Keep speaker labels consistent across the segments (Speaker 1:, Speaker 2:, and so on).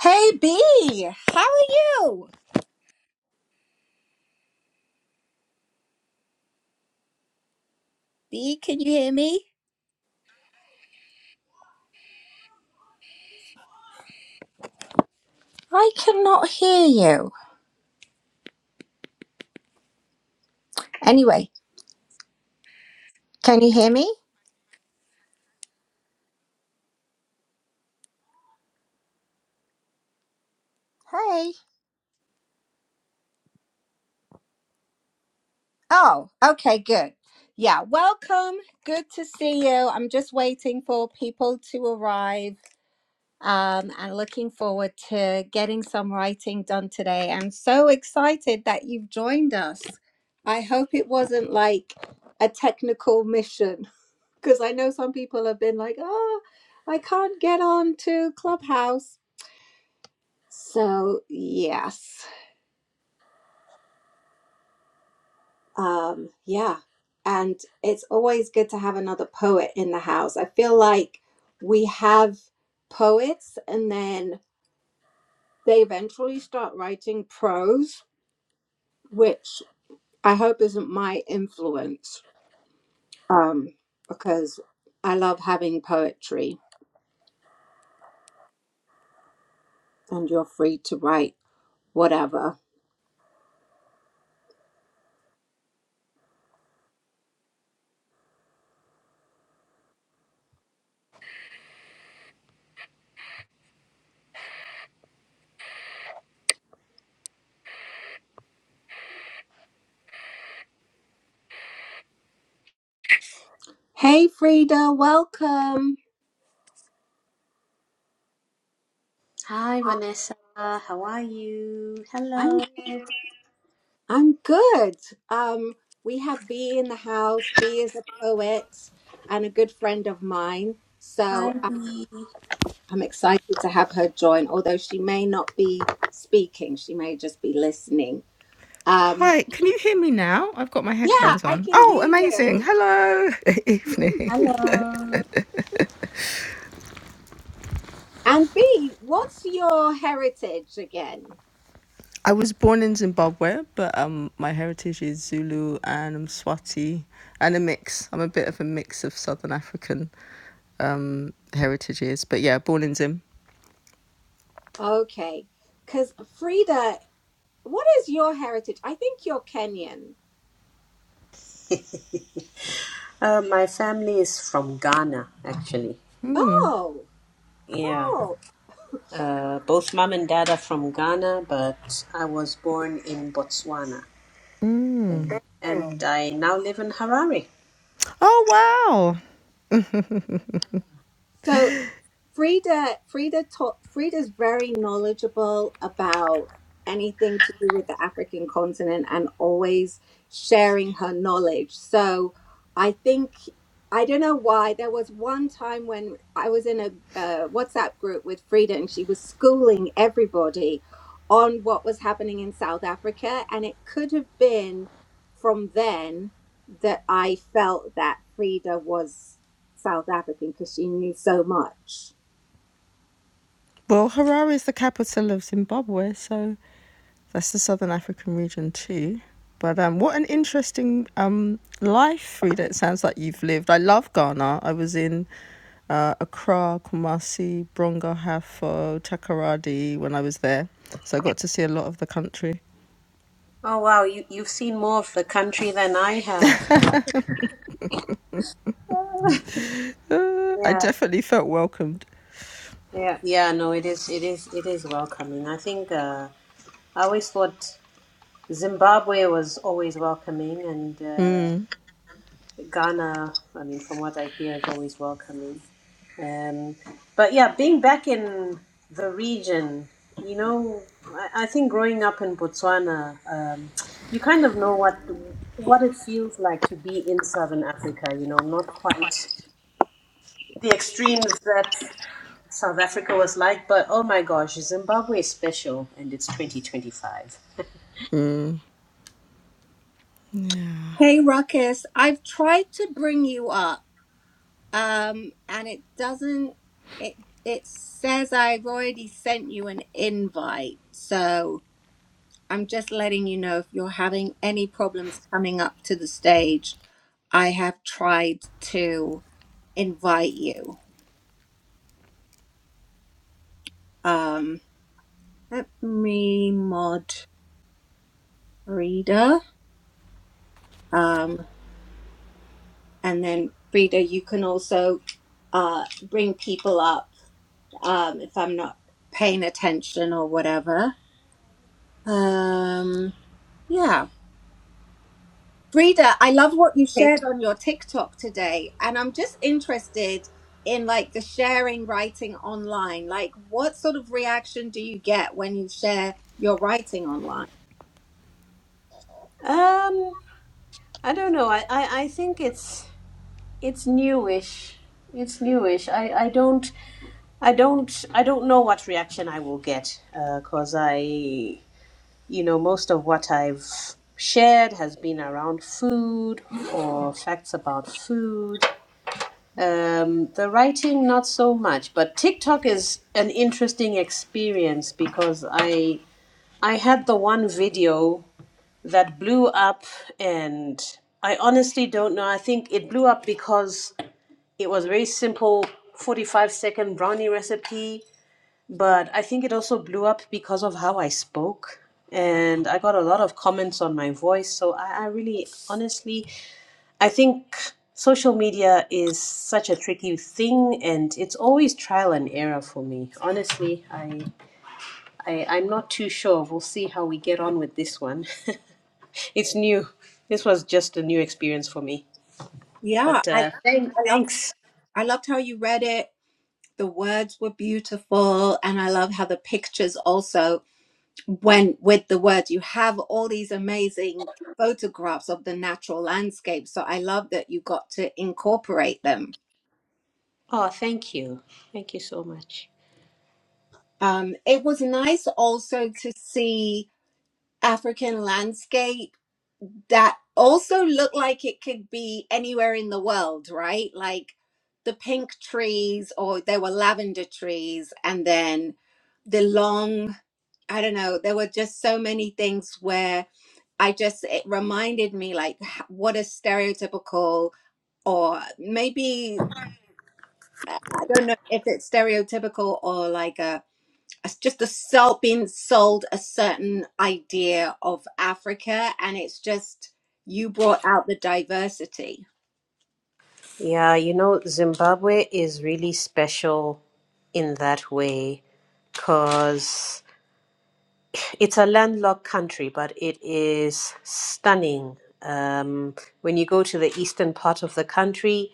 Speaker 1: Hey B, How are you? B, can you hear me? I cannot hear you. Anyway, can you hear me? Hey. Oh, okay, good. Yeah, welcome. Good to see you. I'm just waiting for people to arrive um, and looking forward to getting some writing done today. I'm so excited that you've joined us. I hope it wasn't like a technical mission. Because I know some people have been like, oh, I can't get on to Clubhouse. So, yes. Um, yeah. And it's always good to have another poet in the house. I feel like we have poets and then they eventually start writing prose, which I hope isn't my influence um, because I love having poetry and you're free to write whatever. Hey, Frida, welcome.
Speaker 2: Hi, Vanessa. How are you?
Speaker 1: I'm
Speaker 2: Hello.
Speaker 1: I'm good. Um, we have B in the house. B is a poet and a good friend of mine.
Speaker 2: Hi,
Speaker 1: So I'm,
Speaker 2: Dee.
Speaker 1: I'm excited to have her join, although she may not be speaking. She may just be listening. Um,
Speaker 3: Hi, can you hear me now? I've got my
Speaker 1: yeah,
Speaker 3: headphones
Speaker 1: I
Speaker 3: on.
Speaker 1: can
Speaker 3: Oh,
Speaker 1: hear
Speaker 3: amazing.
Speaker 1: you.
Speaker 3: Hello. Evening.
Speaker 2: Hello.
Speaker 1: And B, what's your heritage again?
Speaker 3: I was born in Zimbabwe, but um my heritage is Zulu and I'm Swati and a mix. I'm a bit of a mix of Southern African um heritages, but yeah, born in Zim.
Speaker 1: Okay. Because Frida, what is your heritage? I think you're Kenyan.
Speaker 2: Uh, my family is from Ghana, actually.
Speaker 1: Oh,
Speaker 2: Yeah.
Speaker 1: oh.
Speaker 2: Uh, both mom and dad are from Ghana, but I was born in Botswana.
Speaker 3: Mm.
Speaker 2: And, and I now live in Harare.
Speaker 3: Oh, wow.
Speaker 1: So Frida, Frida, taught, Frida's very knowledgeable about anything to do with the African continent and always sharing her knowledge. So I think I don't know why there was one time when I was in a uh, WhatsApp group with Frida and she was schooling everybody on what was happening in South Africa, and it could have been from then that I felt that Frida was South African because she knew so much.
Speaker 3: Well, Harare is the capital of Zimbabwe, so That's the Southern African region too. But um, what an interesting um, life, Frida, it sounds like you've lived. I love Ghana. I was in uh, Accra, Kumasi, Bronga, Hafo, Takoradi when I was there. So I got to see a lot of the country.
Speaker 2: Oh, wow. You, you've seen more of the country than I have.
Speaker 3: Uh, I
Speaker 2: Yeah.
Speaker 3: definitely felt welcomed.
Speaker 2: Yeah. Yeah, no, it is, it is, it is welcoming. I think, uh, I always thought Zimbabwe was always welcoming and, uh,
Speaker 3: Mm.
Speaker 2: Ghana, I mean, from what I hear, is always welcoming. Um, but yeah, being back in the region, you know, I, I think growing up in Botswana, um, you kind of know what what it feels like to be in Southern Africa. You know, not quite the extremes that South Africa was like, but oh my gosh, Zimbabwe is special, and it's 2025.
Speaker 1: Hey, Ruckus. I've tried to bring you up, um, and it doesn't. It it says I've already sent you an invite, so I'm just letting you know if you're having any problems coming up to the stage. I have tried to invite you. Um, let me mod Frida, um, and then Frida, you can also uh, bring people up um, if I'm not paying attention or whatever. Um, yeah. Frida, I love what you
Speaker 2: Okay.
Speaker 1: shared on your TikTok today. And I'm just interested in like the sharing writing online. Like, what sort of reaction do you get when you share your writing online?
Speaker 2: Um, I don't know. I, I, I think it's it's newish it's newish i i don't i don't i don't know what reaction i will get because i you know most of what i've shared has been around food or facts about food um the writing not so much but tiktok is an interesting experience because i i had the one video that blew up and i honestly don't know i think it blew up because it was a very simple 45 second brownie recipe, but I think it also blew up because of how I spoke. And I got a lot of comments on my voice. So I, I really, honestly, I think social media is such a tricky thing and it's always trial and error for me. Honestly, I, I, I'm not too sure. We'll see how we get on with this one. it's new. This was just a new experience for me.
Speaker 1: Yeah,
Speaker 2: But
Speaker 1: I,
Speaker 2: uh, thank,
Speaker 1: I loved
Speaker 2: thanks.
Speaker 1: I loved how you read it. The words were beautiful, and I love how the pictures also. when with the words you have all these amazing photographs of the natural landscape so i love that you got to incorporate them
Speaker 2: Oh, thank you. Thank you so much.
Speaker 1: um, it was nice also to see african landscape that also looked like it could be anywhere in the world right like the pink trees or there were lavender trees and then the long i don't know there were just so many things where I just, it reminded me like h- what a stereotypical, or maybe, I I don't know if it's stereotypical or like a, a s- just a sold, being sold a certain idea of Africa. And it's just, you brought out the diversity.
Speaker 2: Yeah, you know, Zimbabwe is really special in that way because it's a landlocked country, but it is stunning. Um, when you go to the eastern part of the country,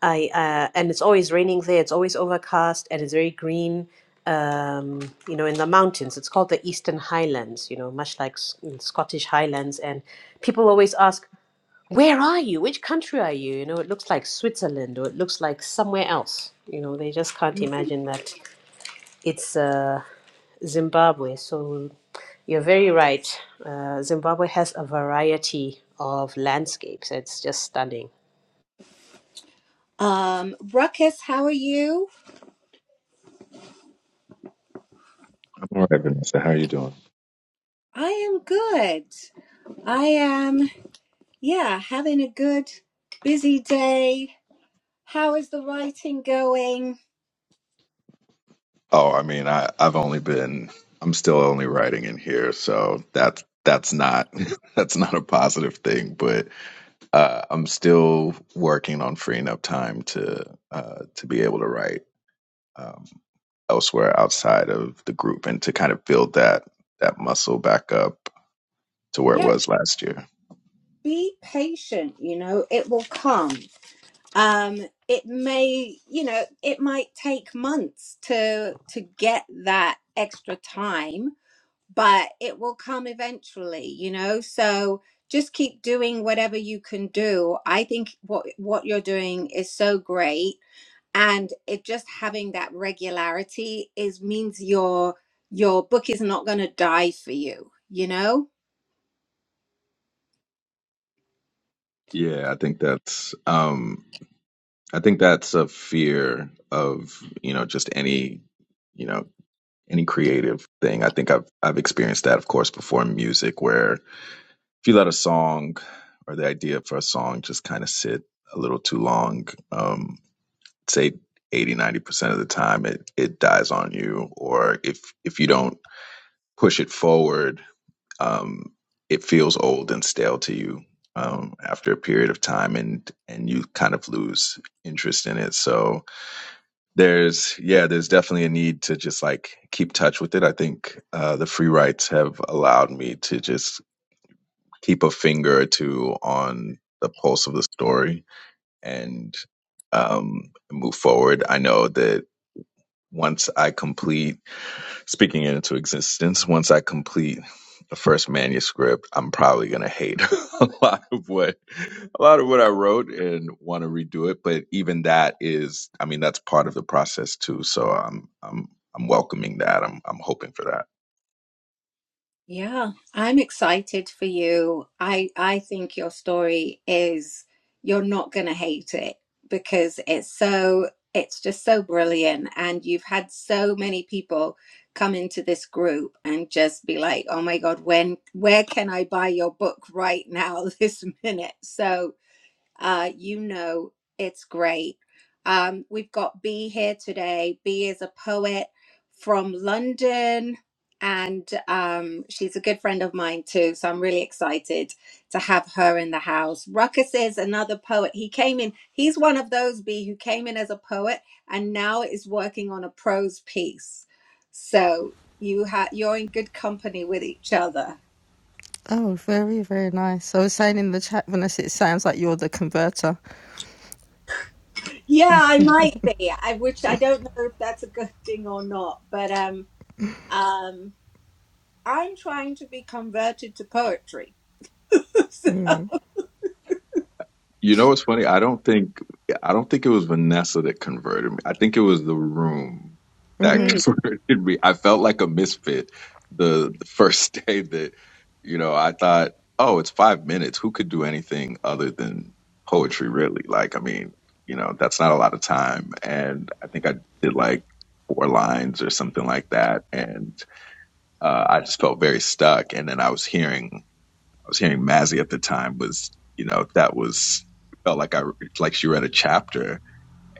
Speaker 2: I uh, and it's always raining there. It's always overcast and it's very green. Um, you know, in the mountains, it's called the Eastern Highlands. You know, much like S- Scottish Highlands, and people always ask, where are you? Which country are you? You know, it looks like Switzerland or it looks like somewhere else. You know, they just can't
Speaker 1: Mhm.
Speaker 2: imagine that it's uh, Zimbabwe. So you're very right. Uh, Zimbabwe has a variety of landscapes. It's just stunning.
Speaker 1: Um, Ruckus, how are you?
Speaker 4: All right, Vanessa, how are you doing?
Speaker 1: I am good. I am, yeah, having a good, busy day. How is the writing going?
Speaker 4: Oh, I mean, I, I've only been, I'm still only writing in here, so that's that's not that's not a positive thing. But uh, I'm still working on freeing up time to uh, to be able to write um, elsewhere outside of the group and to kind of build that that muscle back up to where
Speaker 1: Yeah.
Speaker 4: it was last year.
Speaker 1: be patient you know it will come um it may you know it might take months to to get that extra time but it will come eventually you know so just keep doing whatever you can do i think what what you're doing is so great and it just having that regularity is means your your book is not going to die for you you know
Speaker 4: Yeah, I think that's um I think that's a fear of, you know, just any, you know, any creative thing. I think I've I've experienced that of course before in music where if you let a song or the idea for a song just kind of sit a little too long, um say eighty ninety percent of the time it it dies on you or if if you don't push it forward um, it feels old and stale to you um, after a period of time, and and you kind of lose interest in it. So there's yeah, there's definitely a need to just like keep touch with it. I think uh, the free rights have allowed me to just keep a finger or two on the pulse of the story and um, move forward. I know that once I complete speaking it into existence. Once I complete the first manuscript, I'm probably gonna hate a lot of what a lot of what I wrote and want to redo it. But even that is, I mean, that's part of the process too. So I'm I'm I'm welcoming that. I'm I'm hoping for that.
Speaker 1: Yeah, I'm excited for you. I I think your story is you're not going to hate it because it's so it's just so brilliant and you've had so many people come into this group and just be like, "Oh my God, when where can I buy your book right now this minute?" So, uh, you know it's great. Um, we've got Bee here today. Bee is a poet from London, and um, she's a good friend of mine too. So I'm really excited to have her in the house. Ruckus is another poet. He came in, he's one of those Bee who came in as a poet and now is working on a prose piece. So you ha- you're in good company with each other.
Speaker 3: Oh, very, very nice. I was saying in the chat, when I said it sounds like you're the converter.
Speaker 1: Yeah, I might be. I which I don't know if that's a good thing or not, but um um I'm trying to be converted to poetry. So-
Speaker 4: You know what's funny? I don't think I don't think it was Vanessa that converted me. I think it was the room that
Speaker 1: mm,
Speaker 4: converted me. I felt like a misfit the, the first day that you know I thought, oh, it's five minutes. Who could do anything other than poetry? Really? Like, I mean, you know, that's not a lot of time. And I think I did like four lines or something like that, and uh, I just felt very stuck. And then I was hearing I was hearing Mazzy at the time was, you know, that was felt like I like she read a chapter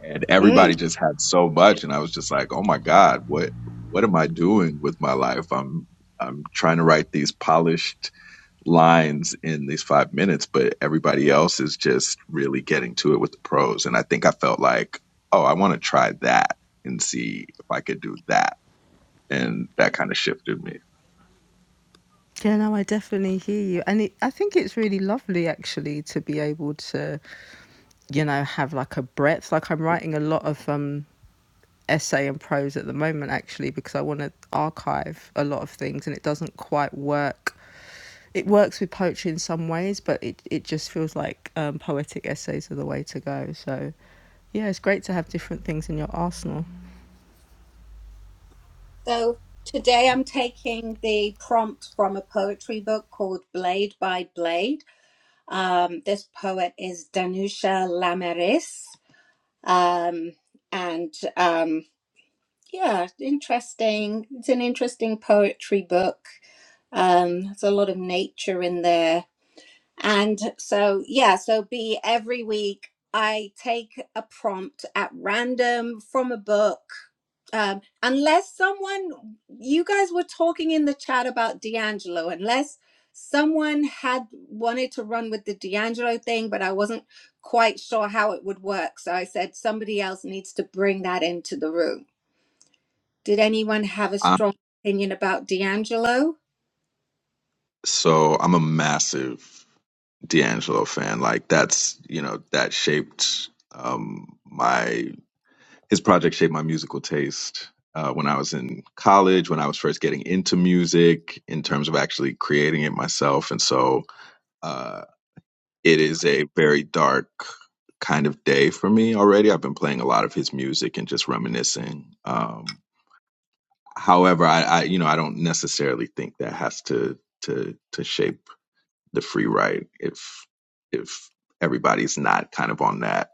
Speaker 4: and
Speaker 1: mm.
Speaker 4: everybody just had so much and I was just like, "Oh my god, what what am I doing with my life? I'm I'm trying to write these polished lines in these 5 minutes, but everybody else is just really getting to it with the prose." And I think I felt like, "Oh, I want to try that and see if I could do that." And that kind of shifted me.
Speaker 3: Yeah, no, I definitely hear you. And it, I think it's really lovely, actually, to be able to you know, have like a breadth. Like I'm writing a lot of um essay and prose at the moment actually because I want to archive a lot of things and it doesn't quite work. It works with poetry in some ways, but it, it just feels like um, poetic essays are the way to go. So, yeah, it's great to have different things in your arsenal.
Speaker 1: So today I'm taking the prompt from a poetry book called Blade by Blade. Um this poet is Danusha Lamaris. Um and um yeah, interesting. It's an interesting poetry book. Um, there's a lot of nature in there And so, yeah, so be every week I take a prompt at random from a book. Um, unless someone, you guys were talking in the chat about D'Angelo, unless someone had wanted to run with the D'Angelo thing, but I wasn't quite sure how it would work. So I said somebody else needs to bring that into the room. Did anyone have a
Speaker 4: I'm,
Speaker 1: strong opinion about D'Angelo?
Speaker 4: so I'm a massive D'Angelo fan. Like that's you know that shaped um, my his project shaped my musical taste uh, when I was in college, when I was first getting into music in terms of actually creating it myself. And so uh, it is a very dark kind of day for me already. I've been playing a lot of his music and just reminiscing. Um, however, I, I you know I don't necessarily think that has to to to shape the free ride if if everybody's not kind of on that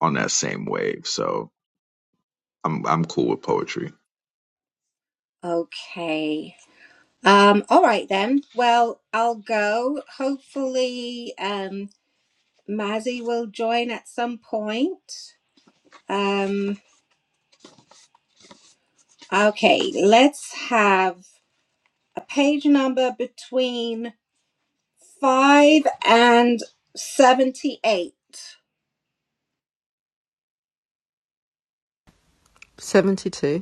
Speaker 4: on that same wave. So I'm I'm cool with poetry.
Speaker 1: Okay. Um, all right then. Well, I'll go. Hopefully, um, Mazzy will join at some point. Um, okay, let's have a page number between five and seventy-eight.
Speaker 3: 72.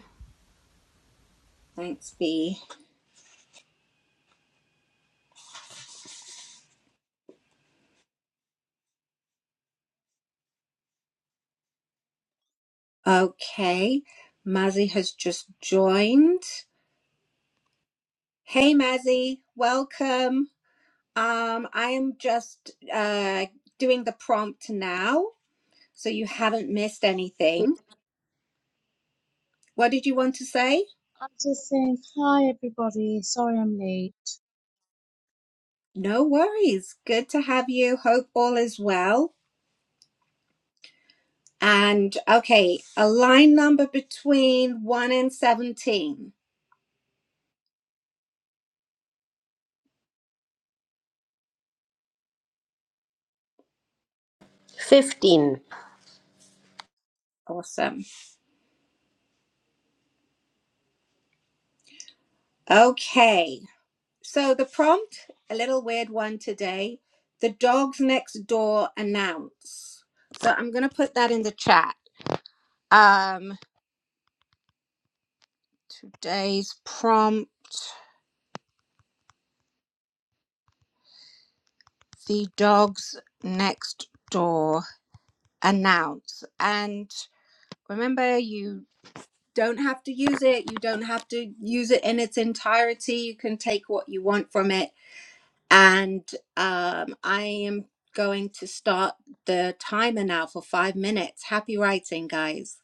Speaker 1: Thanks, B. Okay, Mazzy has just joined. Hey, Mazzy, welcome. Um, I am just uh doing the prompt now. so you haven't missed anything.
Speaker 5: I'm
Speaker 1: What did you want to say?
Speaker 5: just saying hi everybody. Sorry I'm late.
Speaker 1: No worries. Good to have you. Hope all is well. And okay, a line number between 1 and 17.
Speaker 2: 15.
Speaker 1: Awesome. Okay. So the prompt, a little weird one today. The dogs next door announce. So I'm going to put that in the chat. Um today's prompt, the dogs next door announce. And Remember, you don't have to use it. You don't have to use it in its entirety. You can take what you want from it. And um, I am going to start the timer now for five minutes. Happy writing, guys.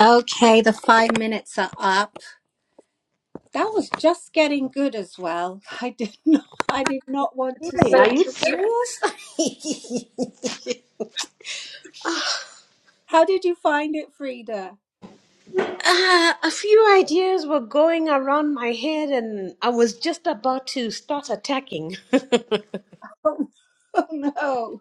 Speaker 1: Okay, the five minutes are up. That was just getting good as well. I did not. I did not want to
Speaker 2: Hey, Are
Speaker 1: stop.
Speaker 2: you serious?
Speaker 1: How did you find it, Frida?
Speaker 2: Uh, a few ideas were going around my head, and I was just about to start attacking.
Speaker 1: Oh no!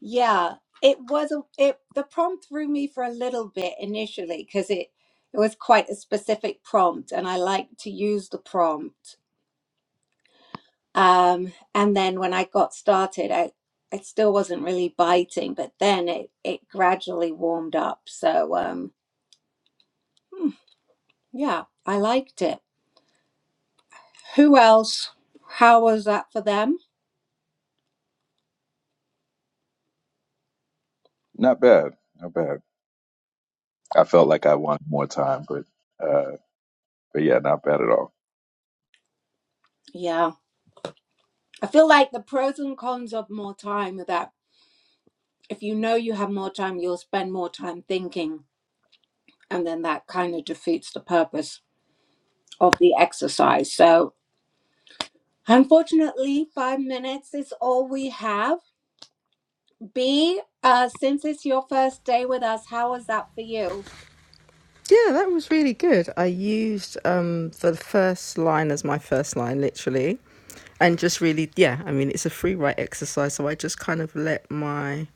Speaker 1: Yeah, it was a, it the prompt threw me for a little bit initially because it it was quite a specific prompt and I like to use the prompt. Um, and then when I got started, I it still wasn't really biting, but then it it gradually warmed up. So um, hmm, yeah, I liked it. Who else? How was that for them?
Speaker 4: Not bad, not bad. I felt like I wanted more time, but uh, but yeah, not bad at all.
Speaker 1: Yeah, I feel like the pros and cons of more time are that if you know you have more time, you'll spend more time thinking and then that kind of defeats the purpose of the exercise. So, unfortunately, five minutes is all we have. B, uh, since it's your first day with us, how was that for you?
Speaker 3: Yeah, that was really good. I used um, the first line as my first line, literally. And just really, yeah, I mean, it's a free write exercise. So I just kind of let my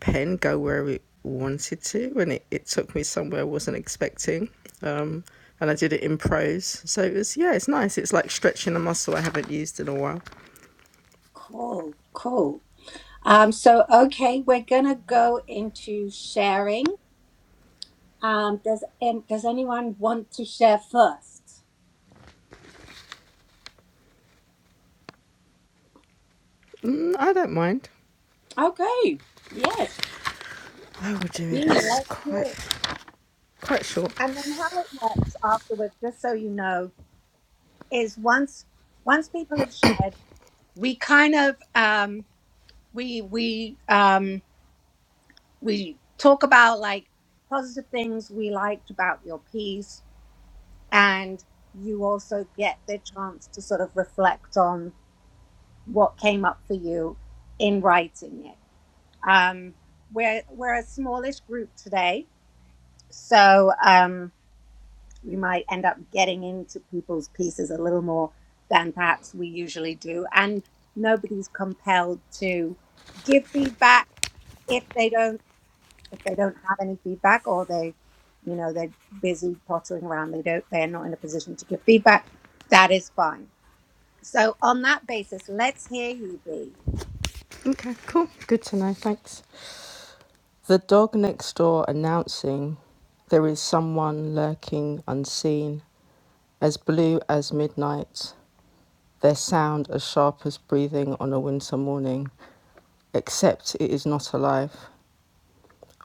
Speaker 3: pen go where it wanted to, and it, it took me somewhere I wasn't expecting. Um, and I did it in prose. So it was, yeah, it's nice. It's like stretching a muscle I haven't used in a while.
Speaker 1: Cool, cool. Um, so okay, we're gonna go into sharing. Um, does and does anyone want to share first?
Speaker 3: Mm, I don't mind.
Speaker 1: Okay, yes,
Speaker 3: I will do
Speaker 1: B,
Speaker 3: it. It's
Speaker 1: let's hear
Speaker 3: quite,
Speaker 1: it.
Speaker 3: quite short.
Speaker 1: And then how it works afterwards, just so you know, is once once people have shared. we kind of um we we um we talk about like positive things we liked about your piece and you also get the chance to sort of reflect on what came up for you in writing it um we're we're a smallish group today so um we might end up getting into people's pieces a little more than perhaps we usually do. And nobody's compelled to give feedback if they don't if they don't have any feedback or they you know they're busy pottering around they don't they're not in a position to give feedback that is fine so on that basis let's hear you b
Speaker 3: Okay, cool. Good to know. Thanks. The dog next door announcing there is someone lurking unseen, as blue as midnight, their sound as sharp as breathing on a winter morning, except it is not alive.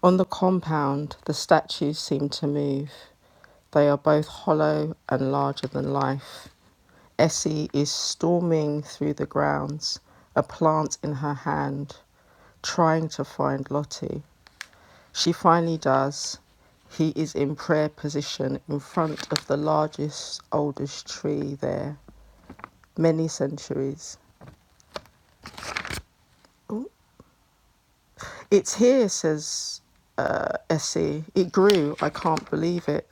Speaker 3: On the compound, the statues seem to move. They are both hollow and larger than life. Essie is storming through the grounds, a plant in her hand, trying to find Lottie. She finally does. He is in prayer position in front of the largest, oldest tree there, many centuries. It's here, says uh, Essie. It grew. I can't believe it.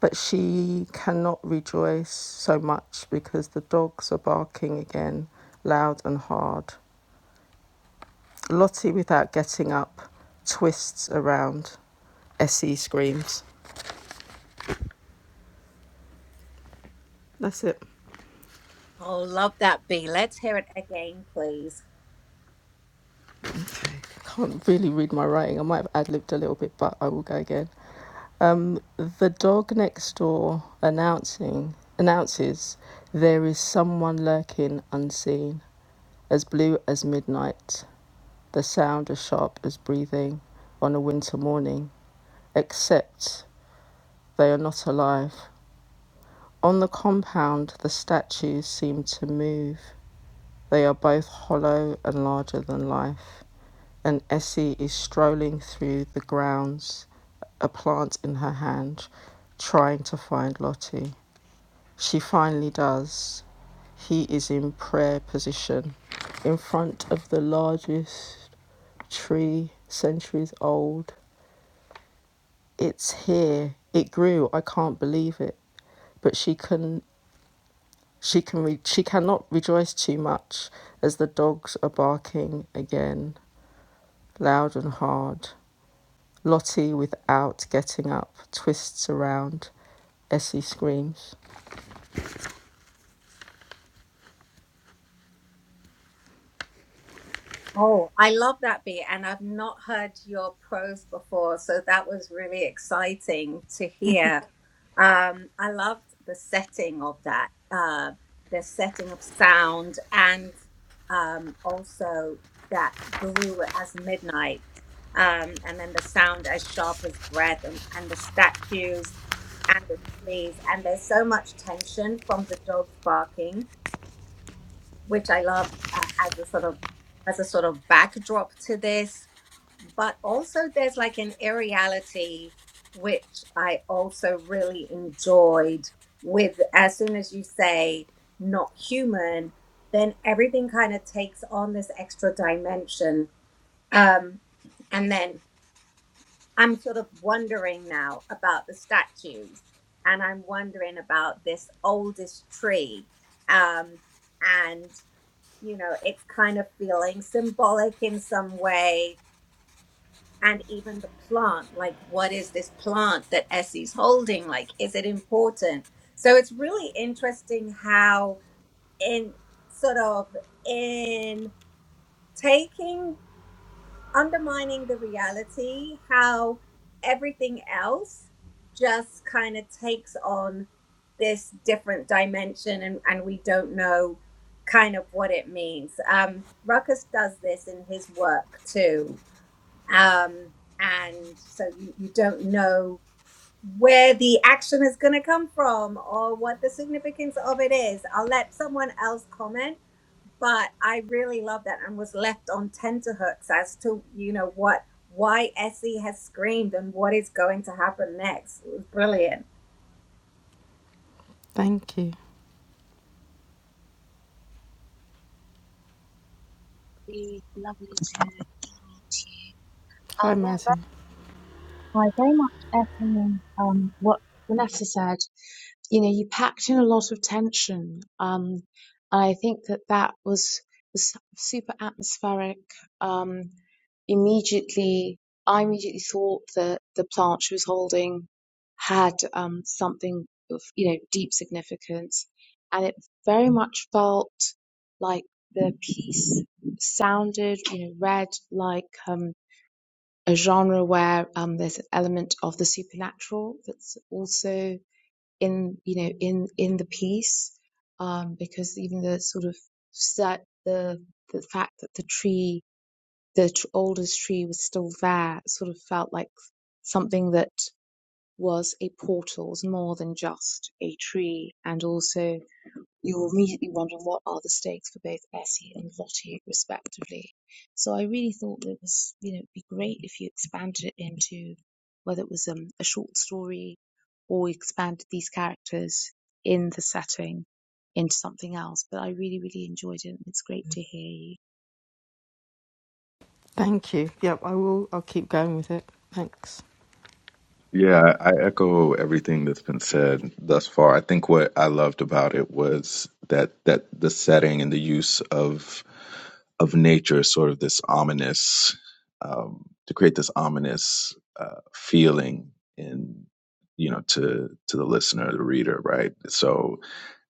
Speaker 3: But she cannot rejoice so much because the dogs are barking again, loud and hard. Lottie, without getting up, twists around. Essie screams. That's it.
Speaker 1: oh love that b let's hear it again please
Speaker 3: I Can't really read my writing. I might have ad libbed a little bit, but I will go again. Um, the dog next door announcing announces there is someone lurking unseen, as blue as midnight, the sound as sharp as breathing on a winter morning. except they are not alive. On the compound, the statues seem to move. They are both hollow and larger than life. And Essie is strolling through the grounds, a plant in her hand, trying to find Lottie. She finally does. He is in prayer position in front of the largest tree, centuries old, it's here. It grew. I can't believe it. But she can she can re- she cannot rejoice too much as the dogs are barking again, loud and hard. Lottie, without getting up, twists around. Essie screams.
Speaker 1: Oh, I love that beat, and I've not heard your prose before, so that was really exciting to hear. Um, I loved the setting of that, uh, the setting of sound, and um, also that blue as midnight, um, and then the sound as sharp as breath, and, and the statues and the trees, and there's so much tension from the dogs barking which I love uh, as a sort of as a sort of backdrop to this. But also, there's like an aeriality which I also really enjoyed. With as soon as you say not human, then everything kind of takes on this extra dimension. Um, and then I'm sort of wondering now about the statues, and I'm wondering about this oldest tree. Um, and you know it's kind of feeling symbolic in some way and even the plant like what is this plant that essie's holding like is it important so it's really interesting how in sort of in taking undermining the reality how everything else just kind of takes on this different dimension and, and we don't know kind of what it means. Um, Ruckus does this in his work too. Um, and so you, you don't know where the action is going to come from or what the significance of it is. I'll let someone else comment but I really love that and was left on tenterhooks as to you know what why Essie has screamed and what is going to happen next. It was brilliant.
Speaker 3: Thank you.
Speaker 5: Be lovely to meet you.
Speaker 3: Hi,
Speaker 5: Um, no,
Speaker 3: Mazzy.
Speaker 5: very, I very much echoing um what Vanessa said. You know, you packed in a lot of tension. Um, I think that that was was super atmospheric. Um, immediately I immediately thought that the plant she was holding had um, something of you know deep significance, and it very much felt like the piece sounded you know read like um, a genre where um, there's an element of the supernatural that's also in you know in in the piece um, because even the sort of set the the fact that the tree the tr- oldest tree was still there. It sort of felt like something that was a portal, was more than just a tree. And also, you were immediately wondering what are the stakes for both Bessie and Lottie, respectively. So I really thought that it was, you know, it'd be great if you expanded it into whether it was um, a short story or expanded these characters in the setting into something else. But I really, really enjoyed it. and It's great to hear you.
Speaker 3: Thank you. Yep, I will. I'll keep going with it. Thanks.
Speaker 4: Yeah, I echo everything that's been said thus far. I think what I loved about it was that that the setting and the use of of nature, is sort of this ominous, um, to create this ominous uh, feeling in you know to to the listener, the reader, right? So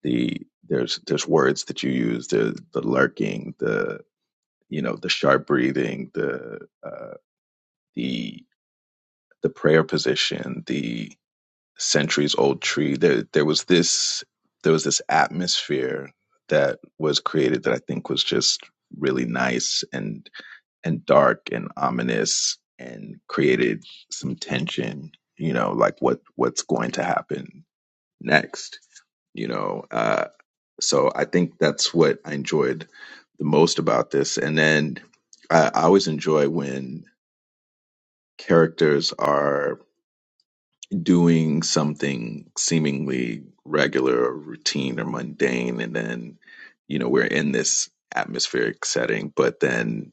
Speaker 4: the there's there's words that you use, the the lurking, the you know the sharp breathing, the uh, the the prayer position, the centuries old tree. There there was this there was this atmosphere that was created that I think was just really nice and and dark and ominous and created some tension, you know, like what what's going to happen next, you know. Uh so I think that's what I enjoyed the most about this. And then I, I always enjoy when characters are doing something seemingly regular or routine or mundane and then you know we're in this atmospheric setting but then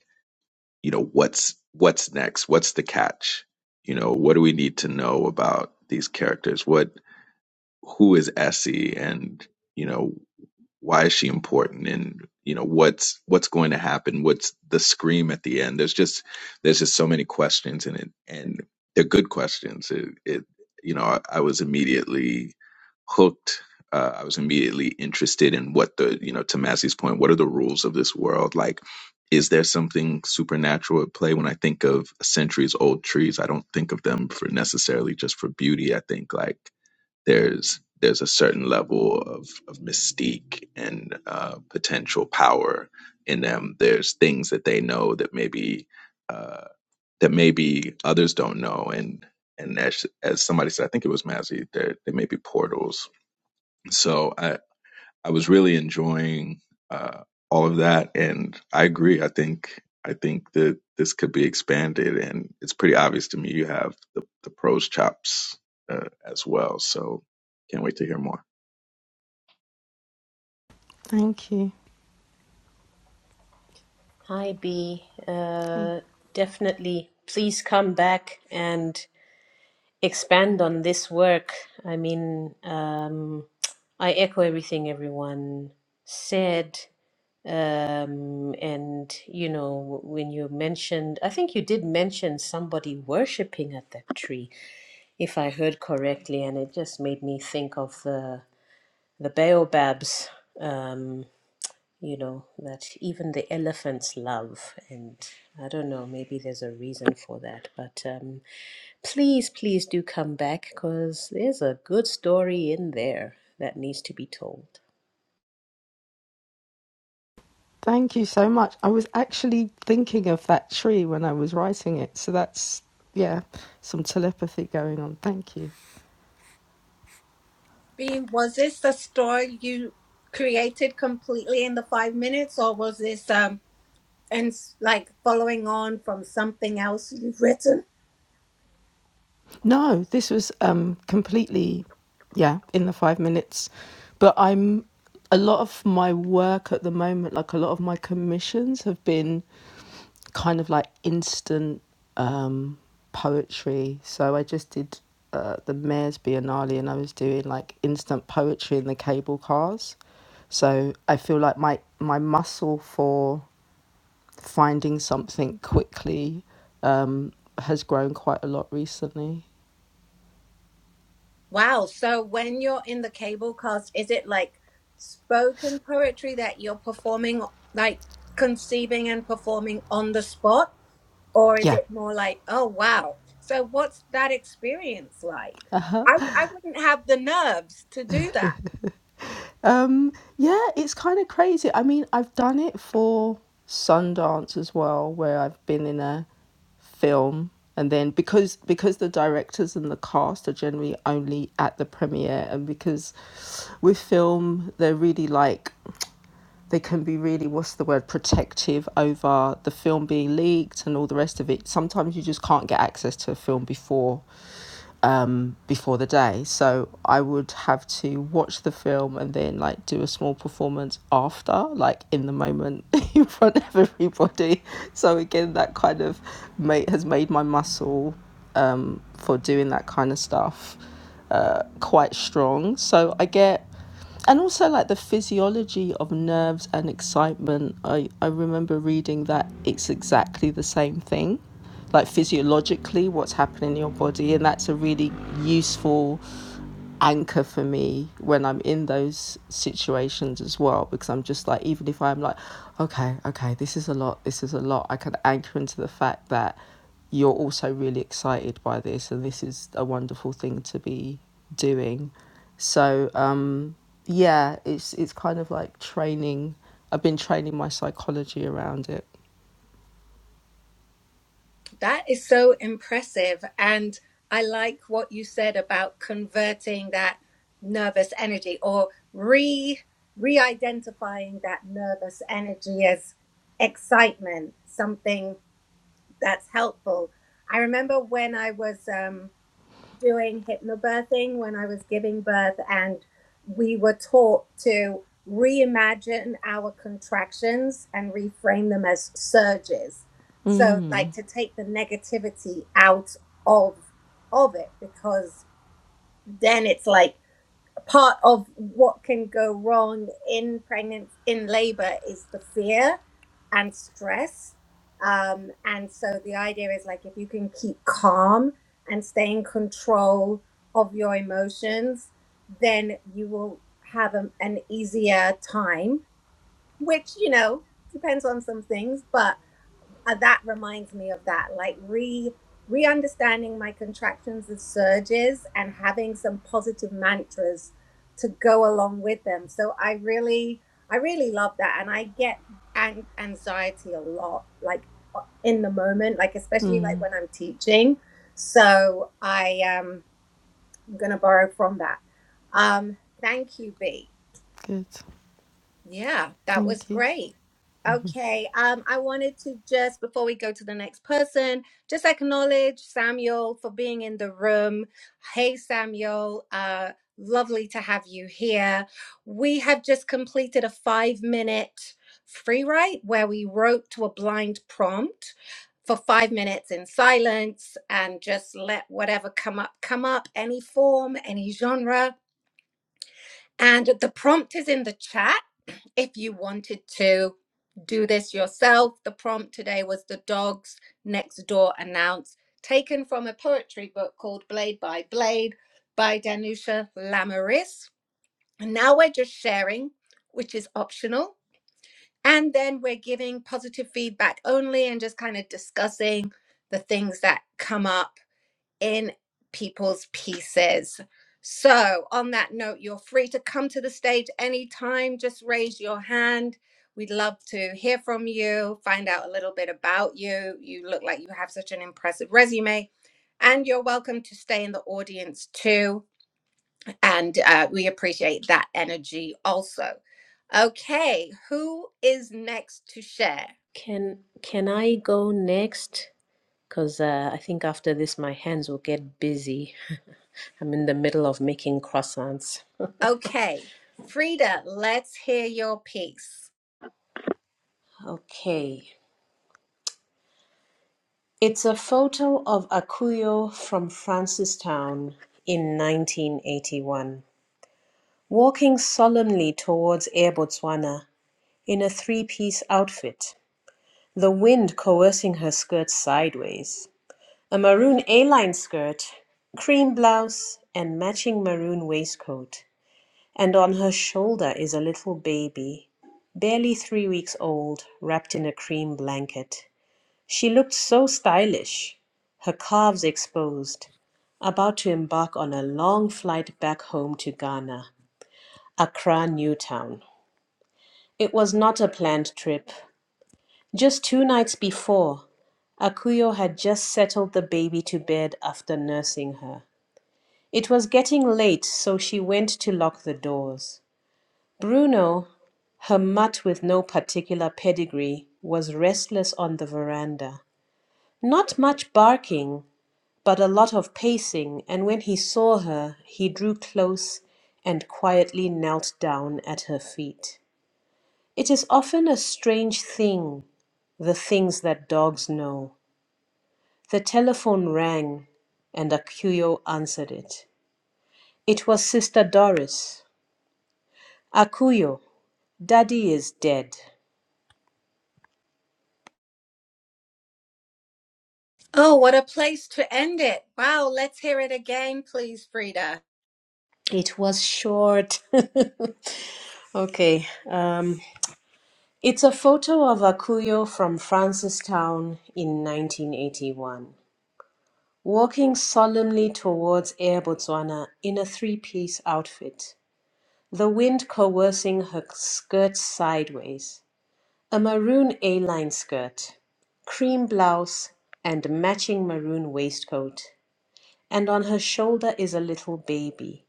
Speaker 4: you know what's what's next what's the catch you know what do we need to know about these characters what who is essie and you know why is she important and you know what's what's going to happen what's the scream at the end there's just there's just so many questions in it and they're good questions it, it you know I, I was immediately hooked uh, i was immediately interested in what the you know to massey's point what are the rules of this world like is there something supernatural at play when i think of centuries old trees i don't think of them for necessarily just for beauty i think like there's there's a certain level of, of mystique and uh, potential power in them. There's things that they know that maybe uh, that maybe others don't know, and and as as somebody said, I think it was Mazzy, there there may be portals. So I, I was really enjoying uh, all of that, and I agree. I think I think that this could be expanded, and it's pretty obvious to me you have the, the prose chops uh, as well. So can't wait to hear more.
Speaker 3: Thank you.
Speaker 2: Hi, B.
Speaker 3: Hey.
Speaker 2: Uh, definitely. Please come back and expand on this work. I mean, um, I echo everything everyone said. Um, and, you know, when you mentioned, I think you did mention somebody worshipping at that tree, if I heard correctly, and it just made me think of the, the baobabs. Um, you know, that even the elephants love. And I don't know, maybe there's a reason for that. But um, please, please do come back because there's a good story in there that needs to be told.
Speaker 3: Thank you so much. I was actually thinking of that tree when I was writing it. So that's, yeah, some telepathy going on. Thank you.
Speaker 1: Bea, was this the story you created completely in the five minutes, or was this um and s- like following on from something else you've written?
Speaker 3: No, this was um, completely, yeah, in the five minutes. But I'm, a lot of my work at the moment, like a lot of my commissions have been kind of like instant um, poetry. So I just did uh, the Mayor's Biennale and I was doing like instant poetry in the cable cars. So I feel like my, my muscle for finding something quickly um, has grown quite a lot recently.
Speaker 1: Wow. So when you're in the cable cast, is it like spoken poetry that you're performing, like conceiving and performing on the spot? Or is
Speaker 3: Yeah.
Speaker 1: it more like, oh, wow. So what's that experience like? I, I wouldn't have the nerves to do that.
Speaker 3: Um, yeah, it's kind of crazy. I mean, I've done it for Sundance as well, where I've been in a film and then because because the directors and the cast are generally only at the premiere and because with film they're really like they can be really what's the word protective over the film being leaked and all the rest of it sometimes you just can't get access to a film before um, before the day. So I would have to watch the film and then like do a small performance after, like in the moment in front of everybody. So again, that kind of made, has made my muscle um, for doing that kind of stuff uh, quite strong. So I get and also like the physiology of nerves and excitement i i remember reading that it's exactly the same thing like physiologically what's happening in your body and that's a really useful anchor for me when i'm in those situations as well because i'm just like even if i'm like okay okay this is a lot this is a lot i can anchor into the fact that you're also really excited by this and this is a wonderful thing to be doing so um, yeah, it's it's kind of like training. I've been training my psychology around it.
Speaker 1: That is so impressive. And I like what you said about converting that nervous energy or re re-identifying that nervous energy as excitement, something that's helpful. I remember when I was um, doing hypnobirthing when I was giving birth, and we were taught to reimagine our contractions and reframe them as surges. So, like to take the negativity out of of it, because then it's like part of what can go wrong in pregnancy in labor is the fear and stress um, and so the idea is like if you can keep calm and stay in control of your emotions then you will have a, an easier time which you know depends on some things but uh, that reminds me of that like re re-understanding my contractions and surges and having some positive mantras to go along with them so i really i really love that and i get an- anxiety a lot like uh, in the moment like especially like when i'm teaching so i um, i'm gonna borrow from that um thank you b
Speaker 3: Good,
Speaker 1: yeah, that was
Speaker 3: thank you.
Speaker 1: great. Okay, um, I wanted to just before we go to the next person, just acknowledge Samuel for being in the room. Hey, Samuel, uh, lovely to have you here. We have just completed a five minute free write where we wrote to a blind prompt for five minutes in silence and just let whatever come up come up, any form, any genre. And the prompt is in the chat if you wanted to do this yourself. The prompt today was The Dogs Next Door Announce, taken from a poetry book called Blade by Blade by Danusha Lamaris. And now we're just sharing, which is optional. And then we're giving positive feedback only and just kind of discussing the things that come up in people's pieces. So, on that note, you're free to come to the stage anytime. Just raise your hand. We'd love to hear from you, find out a little bit about you. You look like you have such an impressive resume, and you're welcome to stay in the audience too. And uh, we appreciate that energy also. Okay, who is next to share?
Speaker 2: Can can I go next? Because uh, I think after this, my hands will get busy. I'm in the middle of making croissants.
Speaker 1: Okay, Frida, let's hear your piece.
Speaker 2: Okay. It's a photo of Akuyo from Francistown in 1981. walking solemnly towards Air Botswana in a three piece outfit, the wind coercing her skirt sideways. A maroon A line skirt, cream blouse, and matching maroon waistcoat. And on her shoulder is a little baby, barely three weeks old, wrapped in a cream blanket. She looked so stylish, her calves exposed, about to embark on a long flight back home to Ghana, Accra, Newtown. It was not a planned trip. Just two nights before, Akuyo had just settled the baby to bed after nursing her. It was getting late, so she went to lock the doors. Bruno, her mutt with no particular pedigree, was restless on the veranda. Not much barking, but a lot of pacing, and when he saw her, he drew close and quietly knelt down at her feet. It is often a strange thing, the things that dogs know. The telephone rang, and Akuyo answered it. It was Sister Doris. Akuyo, Daddy is dead.
Speaker 1: Oh, what a place to end it. Wow, let's hear it again, please, Frida.
Speaker 2: It was short. okay. Um, it's a photo of Akuyo from Francistown in 1981, walking solemnly towards Air Botswana in a three piece outfit. the wind coercing her skirts sideways. A maroon A line skirt, cream blouse, and matching maroon waistcoat. And on her shoulder is a little baby,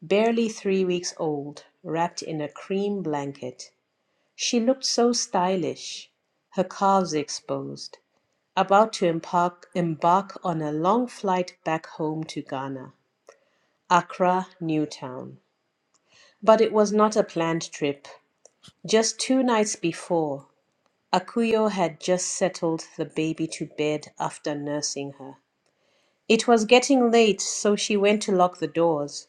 Speaker 2: barely three weeks old, wrapped in a cream blanket. She looked so stylish, her calves exposed, about to embark, embark on a long flight back home to Ghana, Accra, Newtown. But it was not a planned trip. Just two nights before, Akuyo had just settled the baby to bed after nursing her. It was getting late, so she went to lock the doors.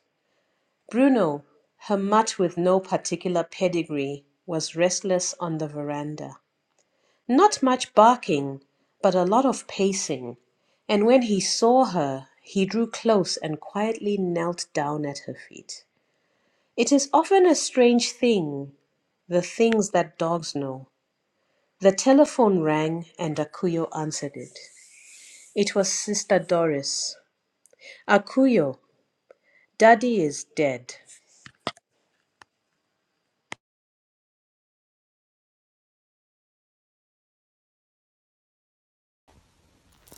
Speaker 2: Bruno, her mutt with no particular pedigree, was restless on the veranda. Not much barking, but a lot of pacing, and when he saw her, he drew close and quietly knelt down at her feet. It is often a strange thing, the things that dogs know. The telephone rang, and Akuyo answered it. It was Sister Doris. Akuyo, Daddy is dead.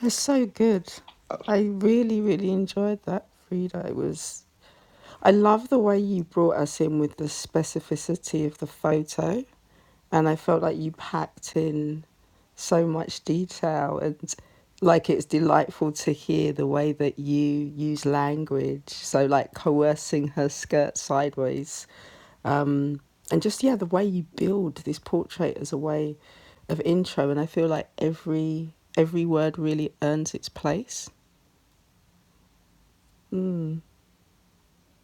Speaker 3: It's so good. I really, really enjoyed that, Frida. It was. I love the way you brought us in with the specificity of the photo, and I felt like you packed in so much detail and like it's delightful to hear the way that you use language so like coercing her skirt sideways um, and just yeah the way you build this portrait as a way of intro and i feel like every every word really earns its place mm.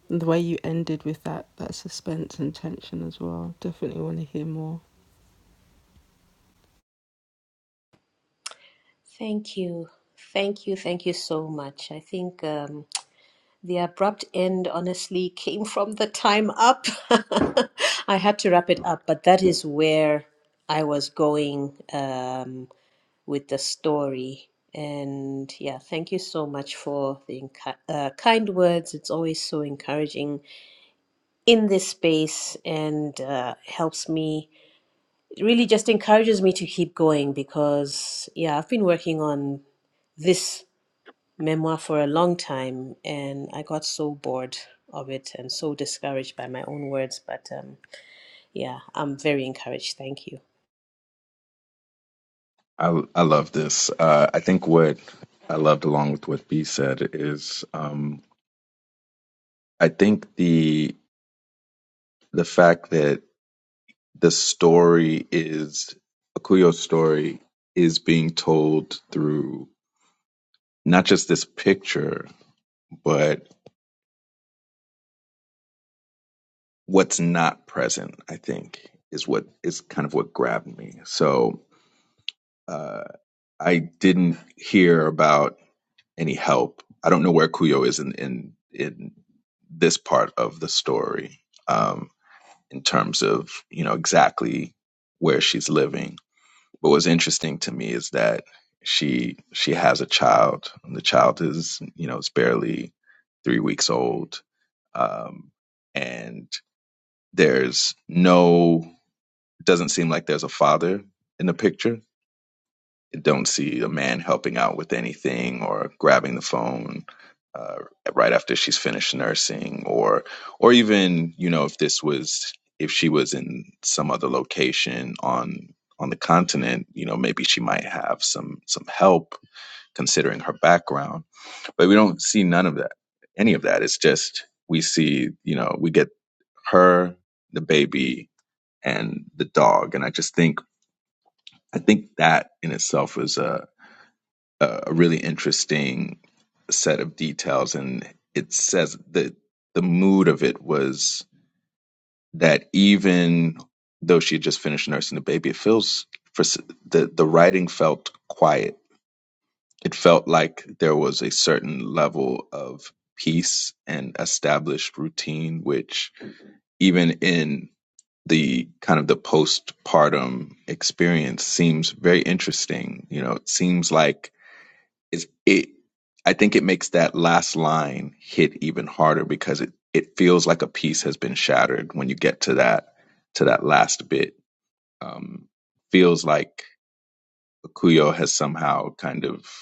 Speaker 3: and the way you ended with that that suspense and tension as well definitely want to hear more
Speaker 2: Thank you. Thank you. Thank you so much. I think um, the abrupt end honestly came from the time up. I had to wrap it up, but that is where I was going um, with the story. And yeah, thank you so much for the enc- uh, kind words. It's always so encouraging in this space and uh, helps me it really just encourages me to keep going because yeah i've been working on this memoir for a long time and i got so bored of it and so discouraged by my own words but um, yeah i'm very encouraged thank you
Speaker 4: I I love this. Uh, I think what I loved along with what B said is um, I think the the fact that the story is Akuyo's story is being told through not just this picture but what's not present, I think, is what is kind of what grabbed me. So uh, I didn't hear about any help. I don't know where Kuyo is in in, in this part of the story um, in terms of you know exactly where she's living. But what's interesting to me is that she she has a child, and the child is you know it's barely three weeks old. Um, and There's no, it doesn't seem like there's a father in the picture. I don't see a man helping out with anything or grabbing the phone uh, right after she's finished nursing, or or even you know if this was if she was in some other location on on the continent, you know maybe she might have some some help considering her background. But we don't see none of that, any of that. It's just we see, you know, we get her, the baby, and the dog. And I just think I think that in itself was a a really interesting set of details, and it says that the mood of it was that even though she had just finished nursing the baby, it feels for the the writing felt quiet. It felt like there was a certain level of peace and established routine, which even in the kind of the postpartum experience seems very interesting. You know, it seems like it's, it, I think it makes that last line hit even harder because it, it feels like a piece has been shattered when you get to that, to that last bit. Um, feels like Akuyo has somehow kind of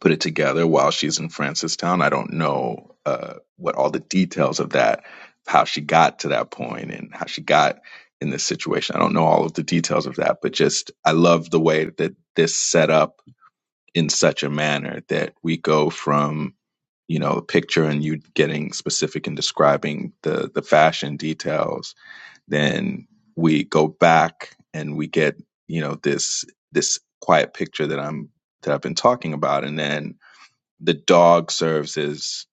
Speaker 4: put it together while she's in Francistown. I don't know uh, what all the details of that, how she got to that point and how she got in this situation. I don't know all of the details of that, but just I love the way that this set up in such a manner that we go from you know a picture and you getting specific and describing the the fashion details then we go back and we get you know this this quiet picture that i'm that i've been talking about and then the dog serves as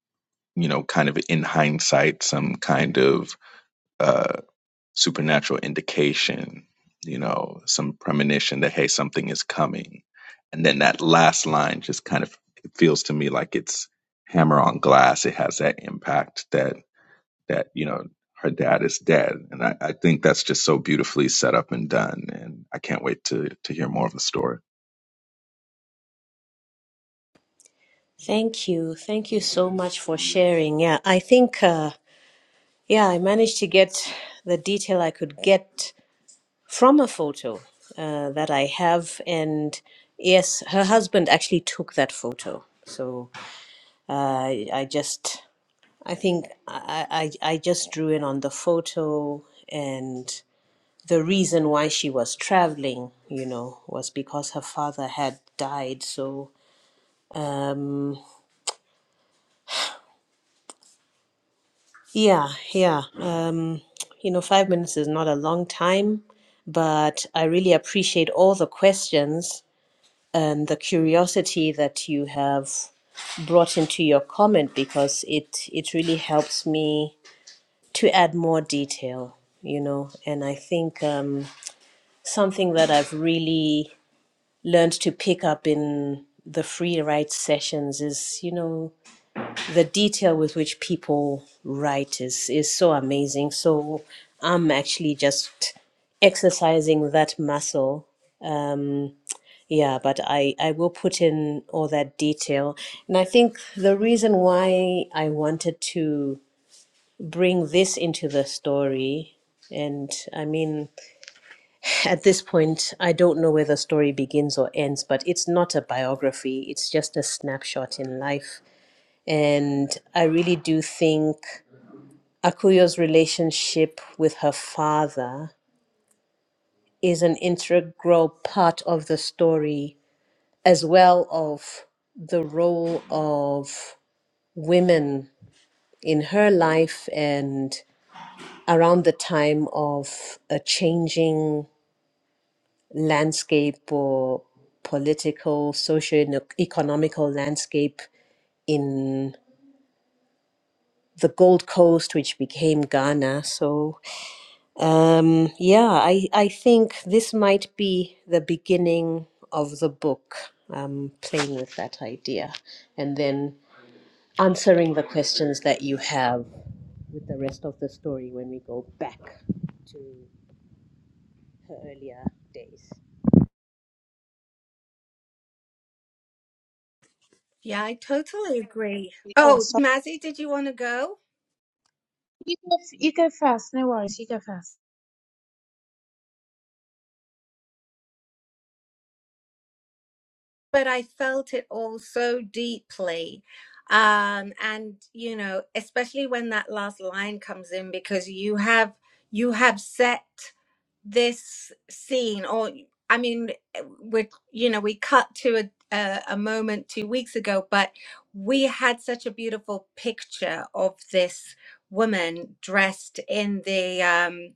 Speaker 4: you know kind of in hindsight some kind of uh supernatural indication you know some premonition that hey something is coming and then that last line just kind of it feels to me like it's hammer on glass it has that impact that that you know her dad is dead and i, I think that's just so beautifully set up and done and i can't wait to to hear more of the story
Speaker 2: thank you thank you so much for sharing yeah i think uh, yeah i managed to get the detail i could get from a photo uh, that I have. And yes, her husband actually took that photo. So uh, I I just, I think I, I, I just drew in on the photo and the reason why she was traveling, you know, was because her father had died. So, um, yeah, yeah. Um, you know, five minutes is not a long time, but I really appreciate all the questions and the curiosity that you have brought into your comment because it it really helps me to add more detail you know and i think um, something that i've really learned to pick up in the free write sessions is you know the detail with which people write is is so amazing so i'm actually just exercising that muscle um, yeah, but I, I will put in all that detail. And I think the reason why I wanted to bring this into the story, and I mean, at this point, I don't know where the story begins or ends, but it's not a biography, it's just a snapshot in life. And I really do think Akuyo's relationship with her father is an integral part of the story as well of the role of women in her life and around the time of a changing landscape or political, socio-economical landscape in the Gold Coast, which became Ghana. So, um, yeah, I, I think this might be the beginning of the book, um, playing with that idea. And then answering the questions that you have with the rest of the story when we go back to her earlier days.
Speaker 1: Yeah, I totally agree.
Speaker 5: Oh,
Speaker 1: Oh,
Speaker 5: sorry.
Speaker 1: Mazzy, did you want to go?
Speaker 5: You go, f- you go first. No worries. You go first.
Speaker 1: But I felt it all so deeply. Um, and you know, especially when that last line comes in because you have you have set this scene or i mean we you know we cut to a, a a moment two weeks ago but we had such a beautiful picture of this woman dressed in the um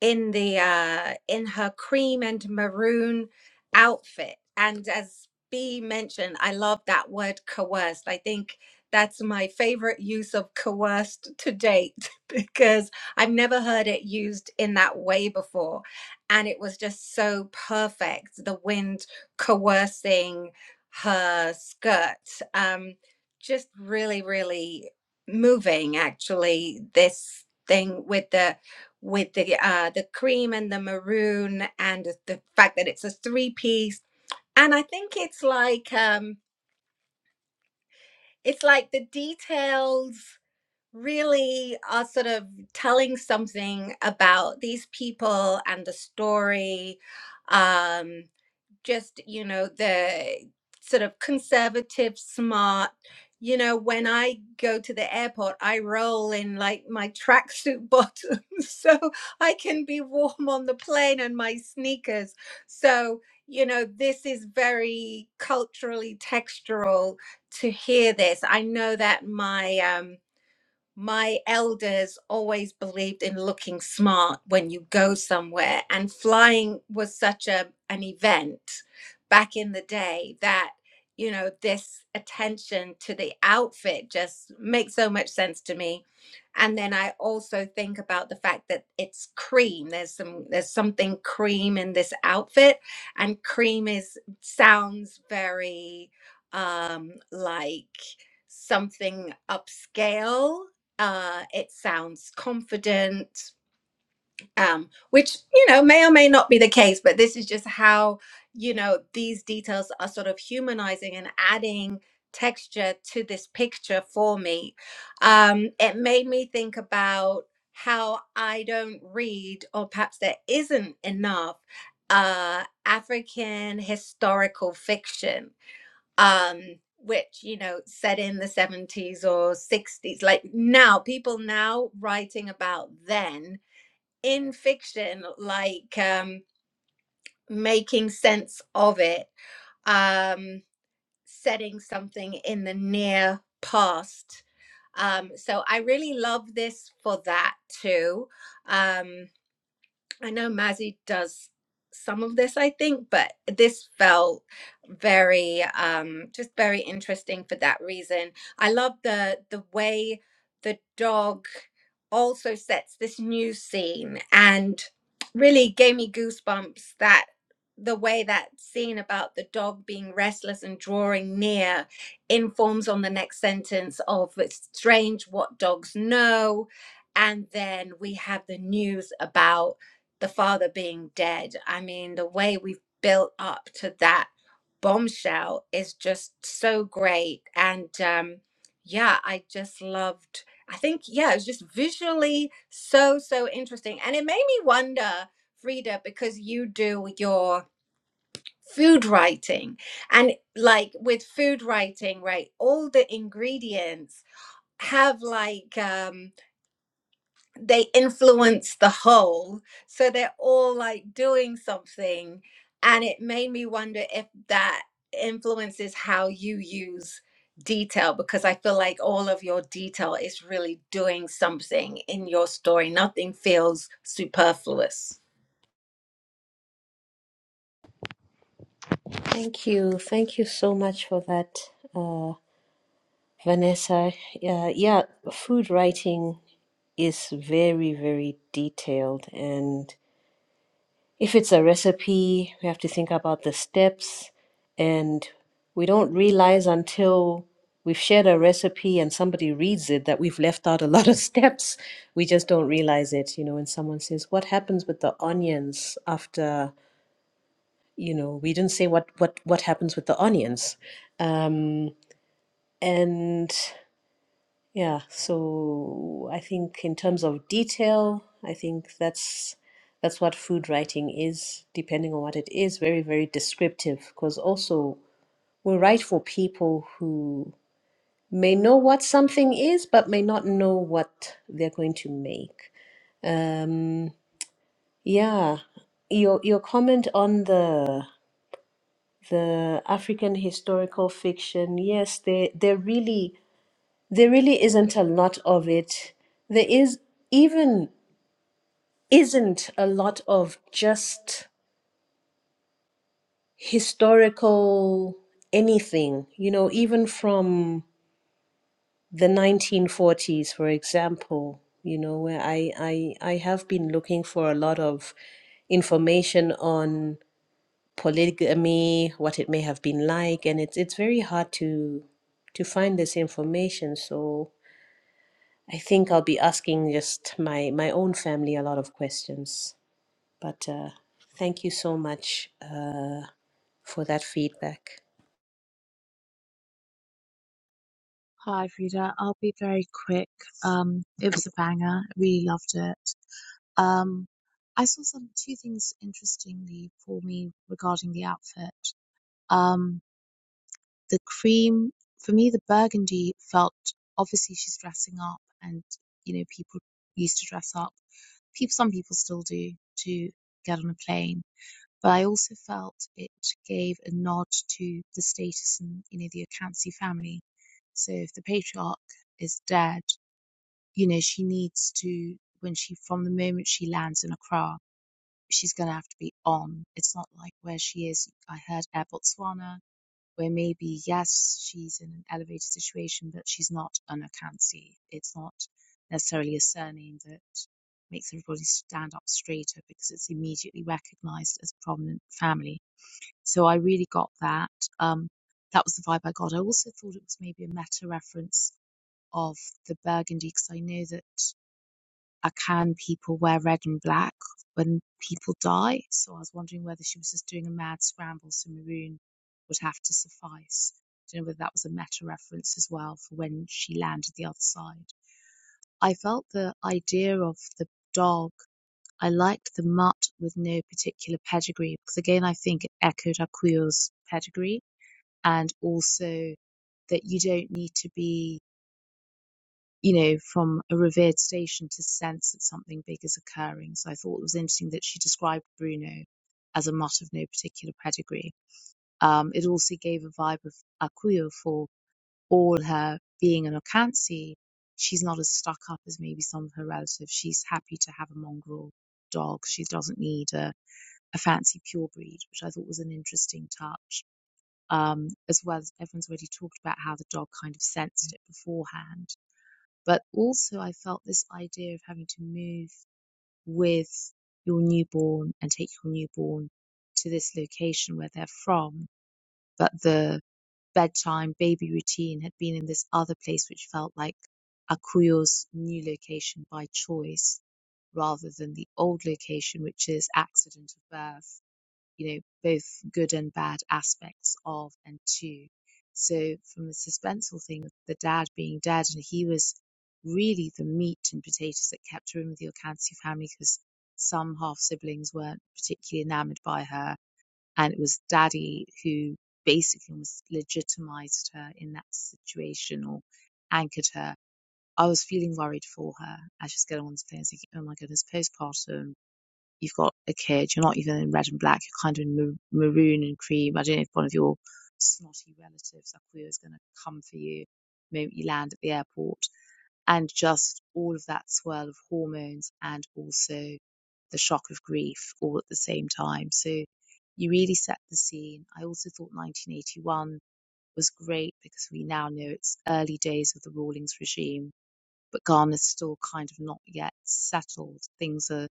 Speaker 1: in the uh in her cream and maroon outfit and as b mentioned i love that word coerced i think that's my favorite use of coerced to date because i've never heard it used in that way before and it was just so perfect the wind coercing her skirt um just really really moving actually this thing with the with the uh, the cream and the maroon and the fact that it's a three piece. And I think it's like um, it's like the details really are sort of telling something about these people and the story. Um, just you know the sort of conservative smart you know when i go to the airport i roll in like my tracksuit bottoms so i can be warm on the plane and my sneakers so you know this is very culturally textural to hear this i know that my um my elders always believed in looking smart when you go somewhere and flying was such a an event back in the day that you know this attention to the outfit just makes so much sense to me and then i also think about the fact that it's cream there's some there's something cream in this outfit and cream is sounds very um like something upscale uh, it sounds confident, um, which you know may or may not be the case, but this is just how you know these details are sort of humanizing and adding texture to this picture for me. Um, it made me think about how I don't read, or perhaps there isn't enough uh, African historical fiction um, which you know set in the 70s or 60s like now people now writing about then in fiction like um making sense of it um setting something in the near past um so i really love this for that too Um, I know Mazzy does some of this, I think, but this felt very, um, just very interesting for that reason. I love the the way the dog also sets this new scene and really gave me goosebumps that the way that scene about the dog being restless and drawing near informs on the next sentence of it's strange what dogs know and then we have the news about the father being dead. I mean, the way we've built up to that bombshell is just so great. And um, yeah, I just loved, I think, yeah, it was just visually so, so interesting. And it made me wonder, Frida, because you do your food writing and like with food writing, right? All the ingredients have like, um, they influence the whole so they're all like doing something and it made me wonder if that influences how you use detail because i feel like all of your detail is really doing something in your story nothing feels superfluous
Speaker 2: Thank you. Thank you so much for that, uh, Vanessa. Uh, yeah, food writing is very, very detailed and If it's a recipe, we have to think about the steps, and we don't realize until we've shared a recipe and somebody reads it that we've left out a lot of steps. We just don't realize it, you know, when someone says, "What happens with the onions after?" You know, we didn't say what what what happens with the onions, um, and yeah, so I think in terms of detail, I think that's that's what food writing is, depending on what it is, very, very descriptive. Because also we write for people who may know what something is, but may not know what they're going to make. Um, yeah, your your comment on the the African historical fiction, yes, they they're really there really isn't a lot of it. There is even isn't a lot of just historical anything, you know, even from the 1940s, for example, you know, where I, I, I have been looking for a lot of information on polygamy, what it may have been like, and it's it's very hard to to find this information. So I think I'll be asking just my my own family a lot of questions. But uh, thank you so much uh, for that feedback.
Speaker 5: Hi, Frida. I'll be very quick. Um, it was a banger. I really loved it. Um, I saw some two things interestingly for me regarding the outfit. Um, the cream, for me, the burgundy felt obviously she's dressing up, and you know, people used to dress up. People, some people still do to get on a plane But I also felt it gave a nod to the status and, you know, the Akansi family. So if the patriarch is dead, you know, she needs to, when she, from the moment she lands in Accra, she's going to have to be on. It's not like where she is. I heard Air Botswana, where maybe, yes, she's in an elevated situation, but she's not an Akansi. It's not necessarily a surname that makes everybody stand up straighter because it's immediately recognized as a prominent family so I really got that. Um, that was the vibe I got. I also thought it was maybe a meta reference of the burgundy because I know that Akan people wear red and black when people die. So I was wondering whether she was just doing a mad scramble so maroon would have to suffice. I don't know whether that was a meta reference as well for when she landed the other side. I felt the idea of the dog. I liked the mutt with no particular pedigree because again I think it echoed Akuyo's pedigree and also that you don't need to be, you know, from a revered station to sense that something big is occurring. So I thought it was interesting that she described Bruno as a mutt of no particular pedigree. Um, it also gave a vibe of Akuyo for all her being an Okansi. She's not as stuck up as maybe some of her relatives. She's happy to have a mongrel dog. She doesn't need a, a fancy pure breed, which I thought was an interesting touch um, as well as everyone's already talked about how the dog kind of sensed it beforehand. But also, I felt this idea of having to move with your newborn and take your newborn to this location where they're from, but the bedtime baby routine had been in this other place, which felt like Akuyo's new location by choice rather than the old location, which is accident of birth you know, both good and bad aspects of and to. So from the suspenseful thing, the dad being dead, and he was really the meat and potatoes that kept her in with the Orcancia family because some half siblings weren't particularly enamoured by her, and it was daddy who basically almost legitimised her in that situation or anchored her. I was feeling worried for her as she's getting on this plane, thinking, "Oh my goodness, postpartum." you've got a kid, you're not even in red and black, you're kind of in maroon and cream. I don't know if one of your snotty relatives up here is going to come for you the moment you land at the airport. And just all of that swirl of hormones and also the shock of grief all at the same time. So you really set the scene. I also thought 1981 was great because we now know it's early days of the Rawlings regime but Ghana's still kind of not yet settled. Things are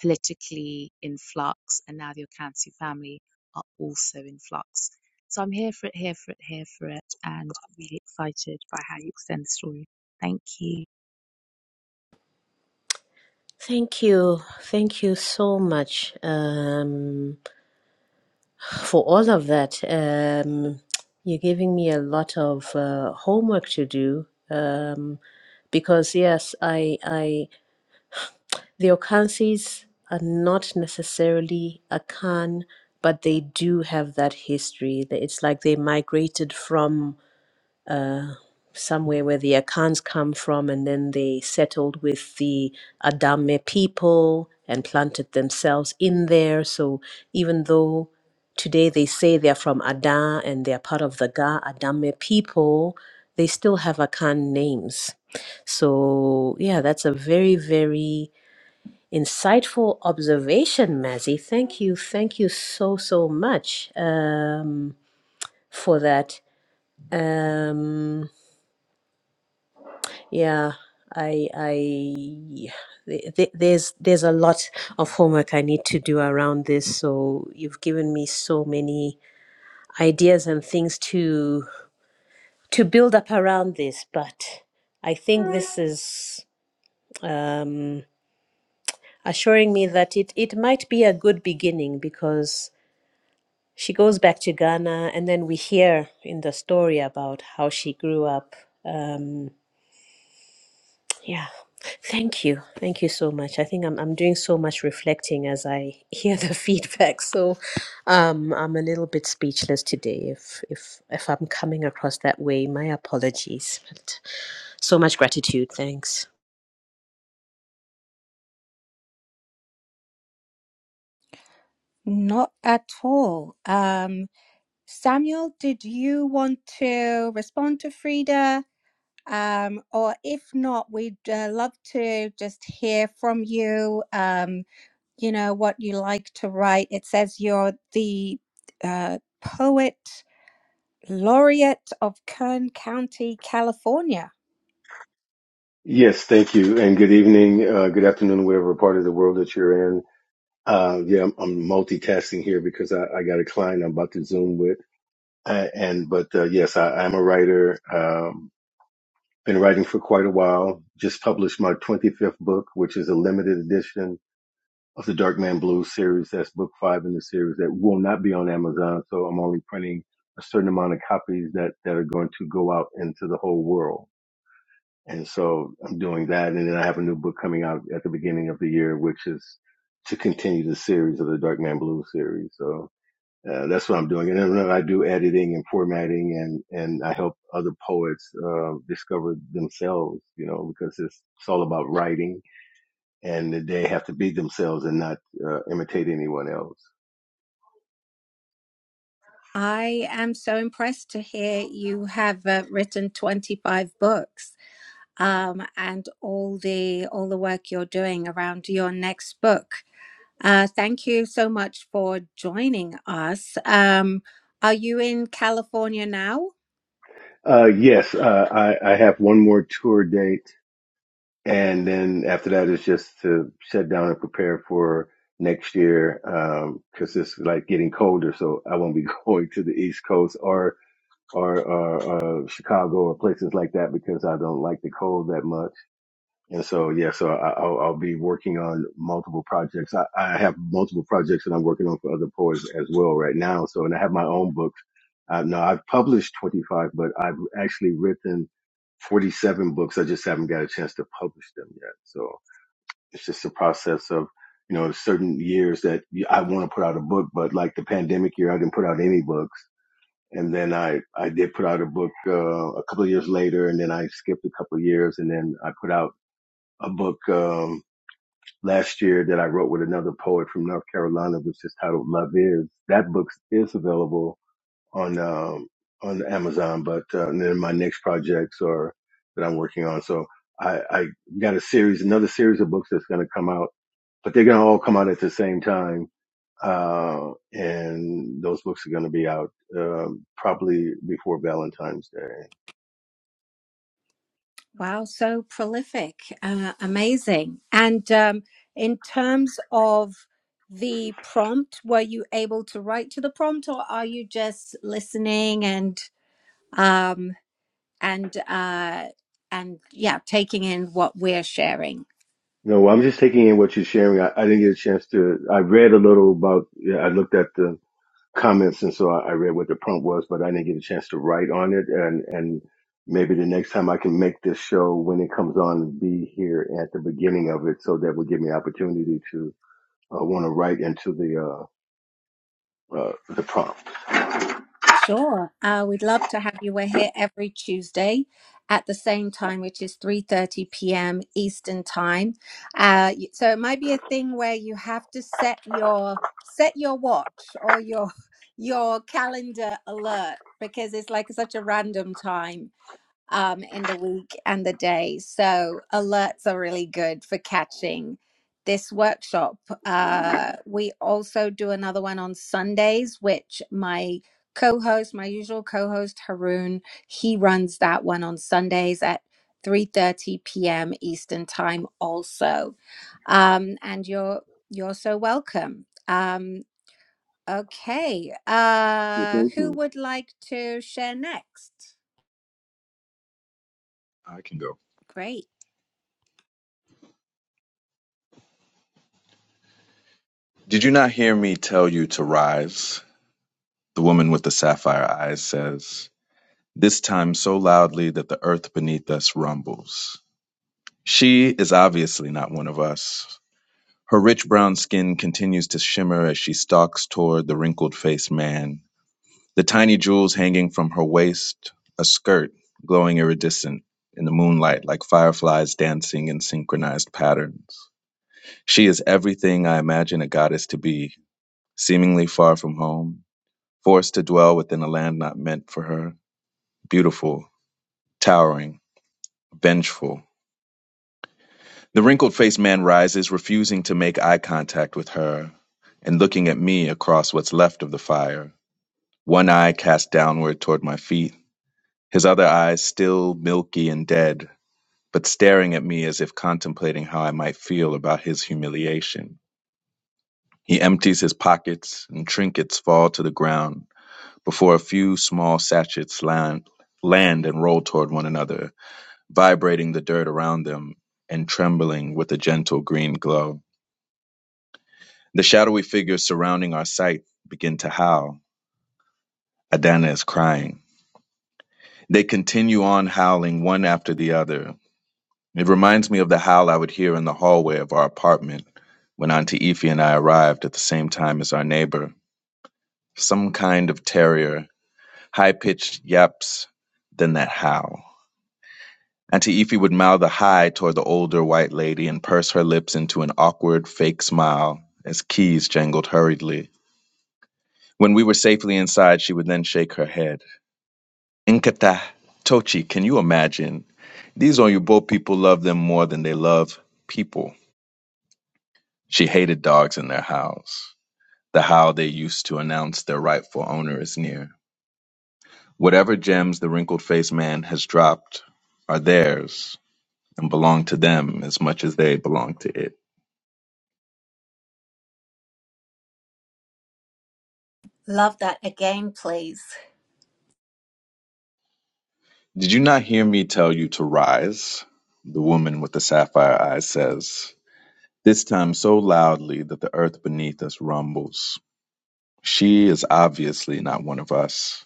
Speaker 5: politically in flux, and now the Okansi family are also in flux. So I'm here for it, here for it, here for it, and I'm really excited by how you extend the story. Thank you.
Speaker 2: Thank you, thank you so much um, for all of that. Um, you're giving me a lot of uh, homework to do um, because yes, I I. The Okansis are not necessarily Akan, but they do have that history. That It's like they migrated from uh, somewhere where the Akans come from, and then they settled with the Adame people and planted themselves in there. So even though today they say they're from Ada and they're part of the Ga Adame people, they still have Akan names. So yeah, that's a very, very Insightful observation, Mazzy. Thank you. Thank you so, so much um, for that. Um, yeah, I, I, th- th- there's, there's a lot of homework I need to do around this. So you've given me so many ideas and things to, to build up around this. But I think this is, um, assuring me that it, it might be a good beginning because She goes back to Ghana, and then we hear in the story about how she grew up. Um, yeah. Thank you. Thank you so much. I think I'm, I'm doing so much reflecting as I hear the feedback. So um, I'm a little bit speechless today. If, if, if I'm coming across that way, my apologies. But so much gratitude. Thanks.
Speaker 1: Not at all. Um, Samuel, did you want to respond to Frida? Um, or if not, we'd uh, love to just hear from you. Um, you know what you like to write it says you're the uh, poet laureate of kern county california
Speaker 6: Yes, thank you, and good evening, uh, good afternoon, whatever part of the world that you're in. Uh, yeah, I'm, I'm multitasking here because I, I got a client I'm about to Zoom with, uh, and but uh, yes, I, I'm a writer. Um, been writing for quite a while. Just published my 25th book, which is a limited edition of the Dark Man Blues series. That's book five in the series that will not be on Amazon. So I'm only printing a certain amount of copies that that are going to go out into the whole world. And so I'm doing that. And then I have a new book coming out at the beginning of the year, which is to continue the series of the Dark Man Blue series. So uh, that's what I'm doing. And then I do editing and formatting and, and I help other poets, uh, discover themselves, you know, because it's, it's all about writing and they have to be themselves and not, uh, imitate anyone else.
Speaker 1: i am so impressed to hear you have uh, written 25 books um, and all the all the work you're doing around your next book. Uh, thank you so much for joining us. Um, are you in California now?
Speaker 6: Uh, yes, uh, I, I have one more tour date and then after that it's just to shut down and prepare for next year um, because it's like getting colder so i won't be going to the east coast or or, or uh, chicago or places like that because i don't like the cold that much and so yeah so I, I'll, I'll be working on multiple projects I, I have multiple projects that i'm working on for other poets as well right now so and i have my own books uh, now i've published 25 but i've actually written 47 books i just haven't got a chance to publish them yet so it's just a process of, you know, certain years that I want to put out a book, but like the pandemic year, I didn't put out any books. And then I, I did put out a book, uh, a couple of years later, and then I skipped a couple of years and then I put out a book, um, last year that I wrote with another poet from North Carolina, which is titled Love Is. That book is available on, um, on Amazon, but, uh, and then my next projects are that I'm working on. So I, I got a series, another series of books that's going to come out but they're going to all come out at the same time. Uh, and those books are going to be out, um, probably before Valentine's Day.
Speaker 1: Wow, so prolific, uh, amazing. And um, in terms of the prompt, were you able to write to the prompt, or are you just listening and um, and uh, and yeah, taking in what we're sharing?
Speaker 6: No, I'm just taking in what you're sharing. I, I didn't get a chance to, I read a little about, yeah, I looked at the comments and so I, I read what the prompt was, but I didn't get a chance to write on it. And, and maybe the next time I can make this show when it comes on, be here at the beginning of it. So that would give me opportunity to, uh, want to write into the, uh, uh, the prompt.
Speaker 1: Sure. Uh, we'd love to have you. We're here every Tuesday at the same time, which is 3.30 p.m. Eastern time. Uh, y- so it might be a thing where you have to set your set your watch or your your calendar alert because it's like such a random time. um, in the week and the day. So alerts are really good for catching this workshop. Uh, we also do another one on Sundays, which my co-host, my usual co-host Haroon, he runs that one on Sundays at 3:30 p.m. Eastern time also. Um, and you're you're so welcome. Um, okay.
Speaker 6: Yeah,
Speaker 1: Uh,
Speaker 6: thank
Speaker 1: who
Speaker 6: you.
Speaker 1: would like to share next?
Speaker 4: i can go
Speaker 1: Great.
Speaker 4: did you not hear me tell you to rise The woman with the sapphire eyes says, this time so loudly that the earth beneath us rumbles. She is obviously not one of us. Her rich brown skin continues to shimmer as she stalks toward the wrinkled faced man, the tiny jewels hanging from her waist, a skirt glowing iridescent in the moonlight like fireflies dancing in synchronized patterns. She is everything I imagine a goddess to be, seemingly far from home, forced to dwell within a land not meant for her Beautiful, towering, vengeful. The wrinkled faced man rises, refusing to make eye contact with her and looking at me across what's left of the fire, one eye cast downward toward my feet, his other eye still milky and dead, but staring at me as if contemplating how I might feel about his humiliation. He empties his pockets and trinkets fall to the ground before a few small sachets land, land and roll toward one another vibrating the dirt around them and trembling with a gentle green glow. The shadowy figures surrounding our sight begin to howl. Adana is crying. They continue on howling one after the other. It reminds me of the howl I would hear in the hallway of our apartment when Auntie Ify and I arrived at the same time as our neighbor. Some kind of terrier, high pitched yaps, then that howl. Auntie Effie would mouth a hi toward the older white lady and purse her lips into an awkward fake smile as keys jangled hurriedly. When we were safely inside, she would then shake her head. Inkata, Tochi, can you imagine? These Oyibo people love them more than they love people. She hated dogs in their howls. the howl they used to announce their rightful owner is near. Whatever gems the wrinkled faced man has dropped are theirs and belong to them as much as they belong to it.
Speaker 1: Love that again, please.
Speaker 4: Did you not hear me tell you to rise? The woman with the sapphire eyes says, this time so loudly that the earth beneath us rumbles. She is obviously not one of us.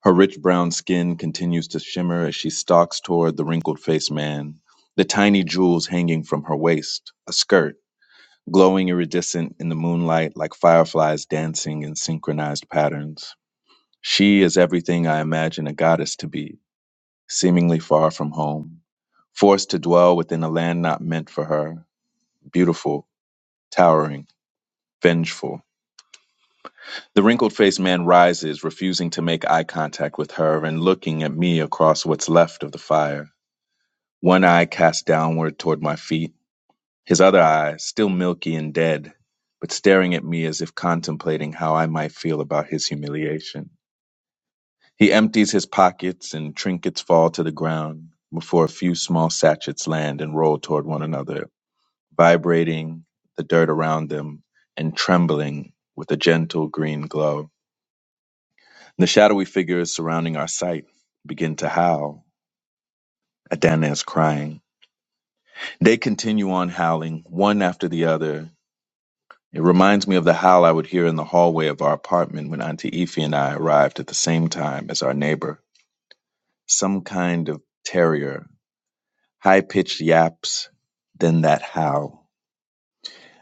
Speaker 4: Her rich brown skin continues to shimmer as she stalks toward the wrinkled faced man, the tiny jewels hanging from her waist, a skirt, glowing iridescent in the moonlight like fireflies dancing in synchronized patterns. She is everything I imagine a goddess to be seemingly far from home, forced to dwell within a land not meant for her, beautiful, towering, vengeful. The wrinkled faced man rises, refusing to make eye contact with her and looking at me across what's left of the fire, one eye cast downward toward my feet, his other eye still milky and dead, but staring at me as if contemplating how I might feel about his humiliation. He empties his pockets and trinkets fall to the ground before a few small sachets land and roll toward one another vibrating the dirt around them and trembling with a gentle green glow. The shadowy figures surrounding our sight begin to howl. Adana is crying. They continue on howling, one after the other. It reminds me of the howl I would hear in the hallway of our apartment when Auntie Effie and I arrived at the same time as our neighbor. Some kind of terrier, high pitched yaps, then that howl.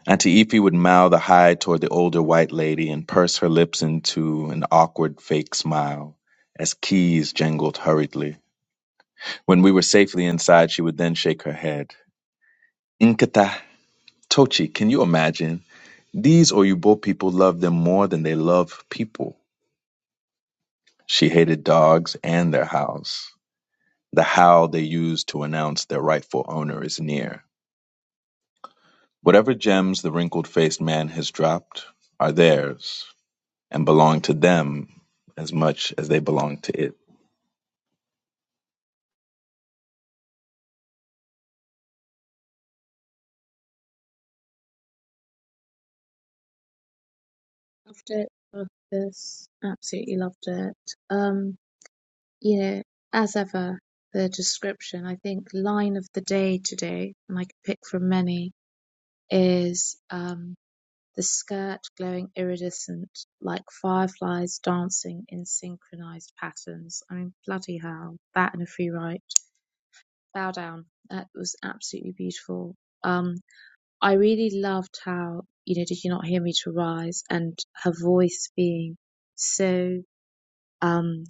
Speaker 4: Auntie Efi would mow the hide toward the older white lady and purse her lips into an awkward fake smile as keys jangled hurriedly. When we were safely inside, she would then shake her head. Inkata, Tochi, can you imagine? These Oyibo people love them more than they love people. She hated dogs and their house. The howl they use to announce their rightful owner is near. Whatever gems the wrinkled faced man has dropped are theirs and belong to them as much as they belong to it.
Speaker 5: Loved it. Loved this. Absolutely loved it. Um, you know, as ever, the description, I think line of the day today, and I could pick from many, is um the skirt glowing iridescent like fireflies dancing in synchronized patterns. I mean, bloody hell, that and a free write. Bow down. That was absolutely beautiful. Um, I really loved how, you know, did you not hear me to rise and her voice being so, um,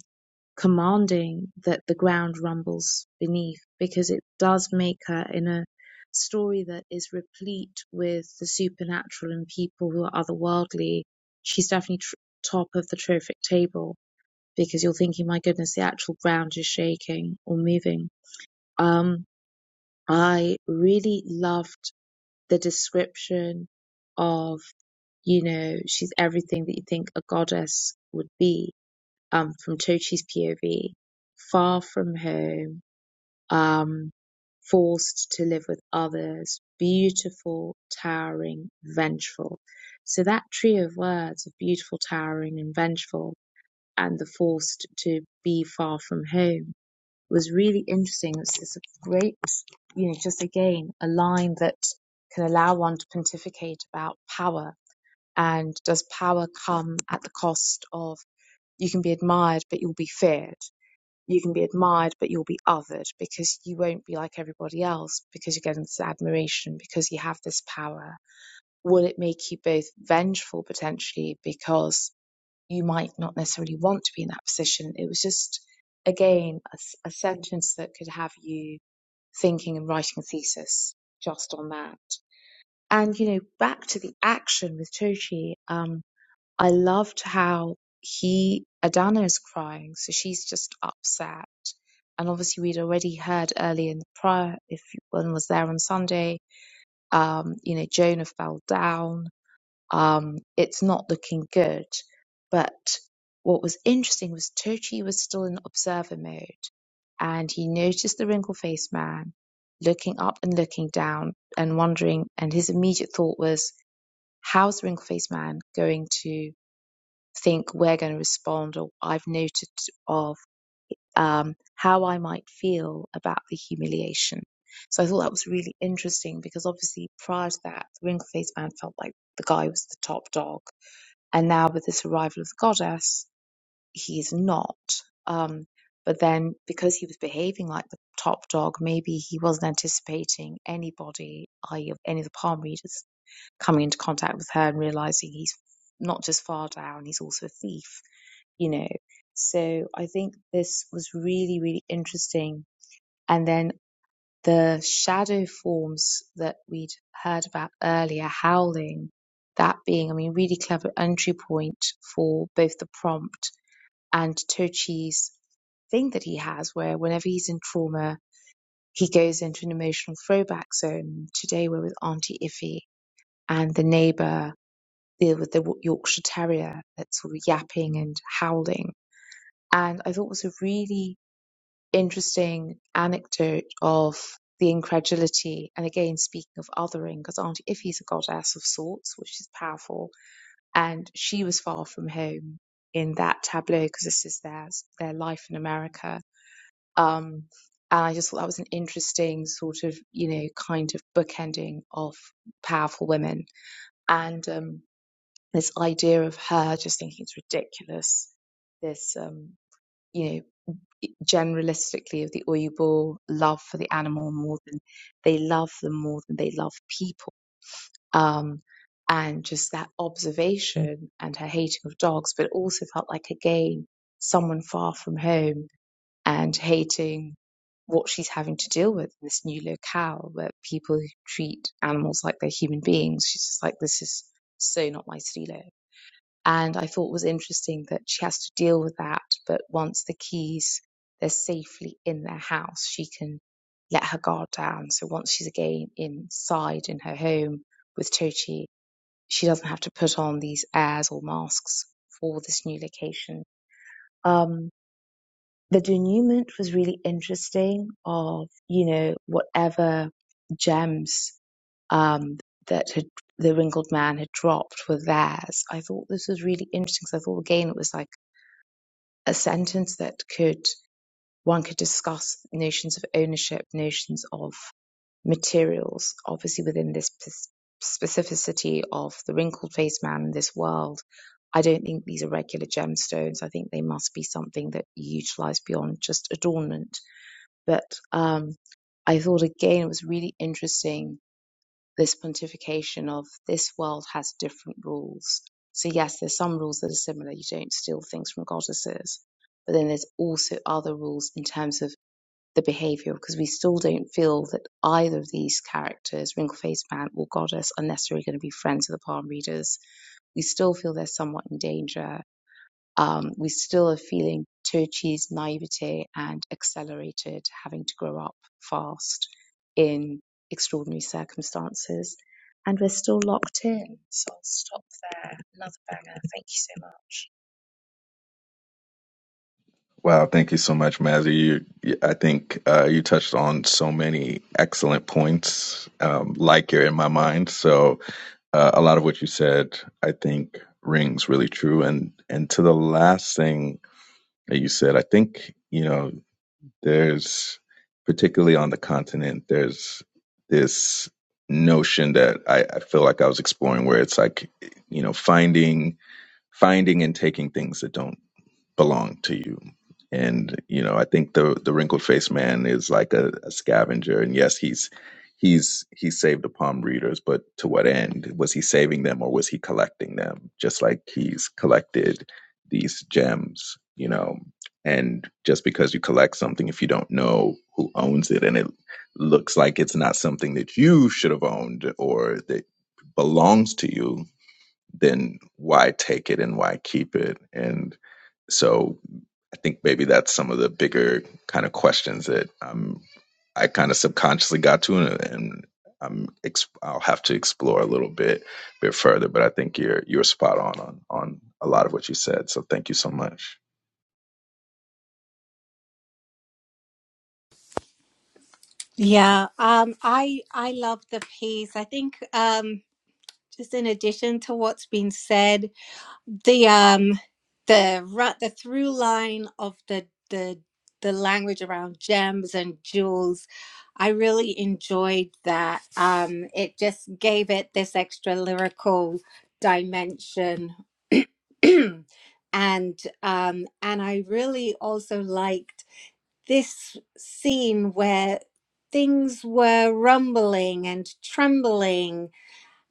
Speaker 5: commanding that the ground rumbles beneath because it does make her in a story that is replete with the supernatural and people who are otherworldly. She's definitely tr- top of the trophic table because you're thinking, my goodness, the actual ground is shaking or moving. Um, I really loved the description of, you know, she's everything that you think a goddess would be um, from Tochi's POV, far from home, um, forced to live with others, beautiful, towering, vengeful. So that trio of words of beautiful, towering, and vengeful, and the forced to be far from home was really interesting. It's, it's a great, you know, just again, a line that can allow one to pontificate about power. And does power come at the cost of you can be admired, but you'll be feared? you can be admired, but you'll be othered because you won't be like everybody else because you're getting this admiration, because you have this power. Will it make you both vengeful potentially because you might not necessarily want to be in that position? It was just, again, a a sentence that could have you thinking and writing a thesis just on that. And, you know, back to the action with Toshi, um, I loved how he Adana is crying, so she's just upset. And obviously, we'd already heard earlier in the prior, if one was there on Sunday, um, you know, Jonah fell down. Um, it's not looking good. But what was interesting was Tochi was still in observer mode, and he noticed the wrinkled faced man looking up and looking down and wondering. And his immediate thought was, "How's the wrinkled faced man going to?" think we're going to respond or I've noted of um, how I might feel about the humiliation. So I thought that was really interesting because obviously prior to that, the Wrinkle Faced Man felt like the guy was the top dog. And now with this arrival of the goddess, he's not. Um, but then because he was behaving like the top dog, maybe he wasn't anticipating anybody, i.e., any of the palm readers, coming into contact with her and realizing he's not just far down, he's also a thief, you know. So I think this was really, really interesting. And then the shadow forms that we'd heard about earlier, howling, that being, I mean, really clever entry point for both the prompt and Tochi's thing that he has, where whenever he's in trauma, he goes into an emotional throwback zone. Today we're with Auntie Iffy and the neighbor there was the Yorkshire Terrier that's sort of yapping and howling. And I thought it was a really interesting anecdote of the incredulity. And again, speaking of othering, because Auntie Iffy's a goddess of sorts, which is powerful. And she was far from home in that tableau because this is their, their life in America. Um, and I just thought that was an interesting sort of, you know, kind of bookending of powerful women. And um, this idea of her just thinking it's ridiculous this um you know generalistically of the Uyghur love for the animal more than they love them more than they love people um and just that observation and her hating of dogs but it also felt like again someone far from home and hating what she's having to deal with in this new locale where people who treat animals like they're human beings she's just like this is so not my stilo and I thought it was interesting that she has to deal with that. But once the keys they're safely in their house, she can let her guard down. So once she's again inside in her home with Tochi, she doesn't have to put on these airs or masks for this new location. Um, the denouement was really interesting of, you know, whatever gems um, that had the wrinkled man had dropped were theirs. I thought this was really interesting because I thought again it was like a sentence that could one could discuss notions of ownership, notions of materials, obviously within this pers- specificity of the wrinkled faced man in this world. I don't think these are regular gemstones. I think they must be something that you utilize beyond just adornment but um, I thought again it was really interesting this pontification of this world has different rules. So yes, there's some rules that are similar. You don't steal things from goddesses, but then there's also other rules in terms of the behavior because we still don't feel that either of these characters, Wrinkle-Faced Man or Goddess, are necessarily going to be friends of the palm readers. We still feel they're somewhat in danger um, we still are feeling Turkey's naivete and accelerated having to grow up fast in extraordinary circumstances. And we're still locked in. So I'll stop there. Another banger. Thank you so much.
Speaker 4: Wow, thank you so much, Mazzy. You, I think uh, you touched on so many excellent points, um, like you're in my mind. So uh, a lot of what you said, I think, rings really true. And and to the last thing that you said, I think you know, there's particularly on the continent, there's this notion that I, I feel like I was exploring, where it's like, you know, finding finding and taking things that don't belong to you. And you know, I think the the wrinkled faced man is like a, a scavenger. And yes, he's he's he saved the palm readers, but to what end? Was he saving them or was he collecting them? Just like he's collected these gems, you know. And just because you collect something, if you don't know who owns it, and it looks like it's not something that you should have owned or that belongs to you, then why take it and why keep it? And so I think maybe that's some of the bigger kind of questions that I'm, I kind of subconsciously got to, and, and I'm ex- I'll have to explore a little bit bit further. But I think you're you're spot on on on a lot of what you said. So thank you so much.
Speaker 1: Yeah, um, I I love the piece. I think um, just in addition to what's been said, the um, the ru- the through line of the the the language around gems and jewels, I really enjoyed that. Um, it just gave it this extra lyrical dimension, and um, and I really also liked. this scene where things were rumbling and trembling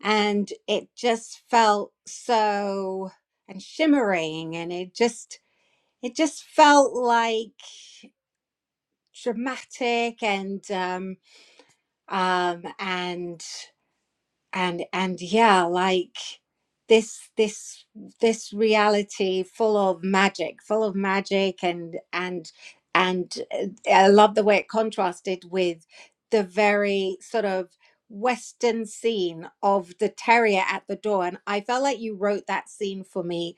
Speaker 1: and it just felt so and shimmering and it just it just felt like dramatic and um um and and and yeah like this this this reality full of magic full of magic and and and uh, i love the way it contrasted with the very sort of western scene of the terrier at the door and i felt like you wrote that scene for me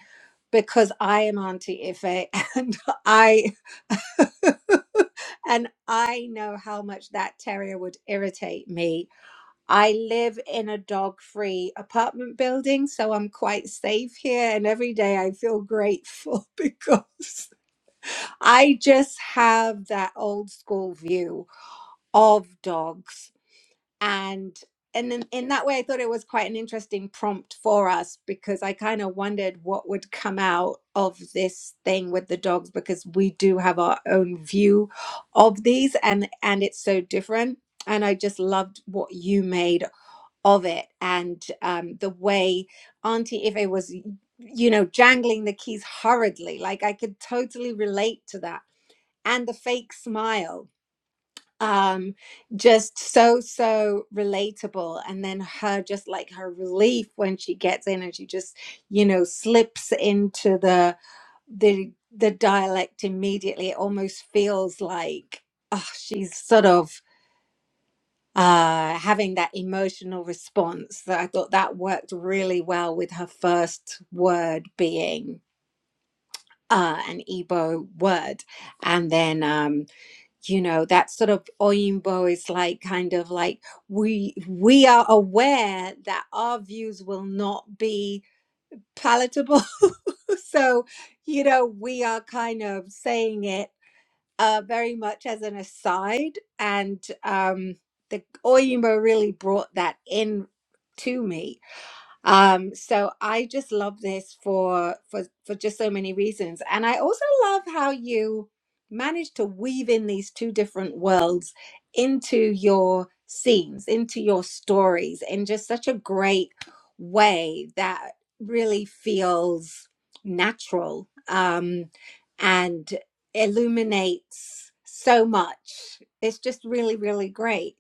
Speaker 1: because i am auntie ife and i and i know how much that terrier would irritate me I live in a dog free apartment building, so I'm quite safe here. And every day I feel grateful because I just have that old school view of dogs. And and in, in that way, I thought it was quite an interesting prompt for us because I kind of wondered what would come out of this thing with the dogs because we do have our own view of these and and it's so different. And I just loved what you made of it and um, the way Auntie Ive was, you know, jangling the keys hurriedly. Like I could totally relate to that. And the fake smile, um, just so, so relatable. And then her, just like her relief when she gets in and she just, you know, slips into the, the, the dialect immediately. It almost feels like, oh, she's sort of uh, having that emotional response that I thought that worked really well with her first word being uh, an Igbo word. And then, um, you know, that sort of Oyinbo is like kind of like we we are aware that our views will not be palatable. so, you know, we are kind of saying it uh, very much as an aside, and um, the Oyima really brought that in to me um so i just love this for for for just so many reasons and i also love how you manage to weave in these two different worlds into your scenes into your stories in just such a great way that really feels natural um and illuminates so much it's just really really great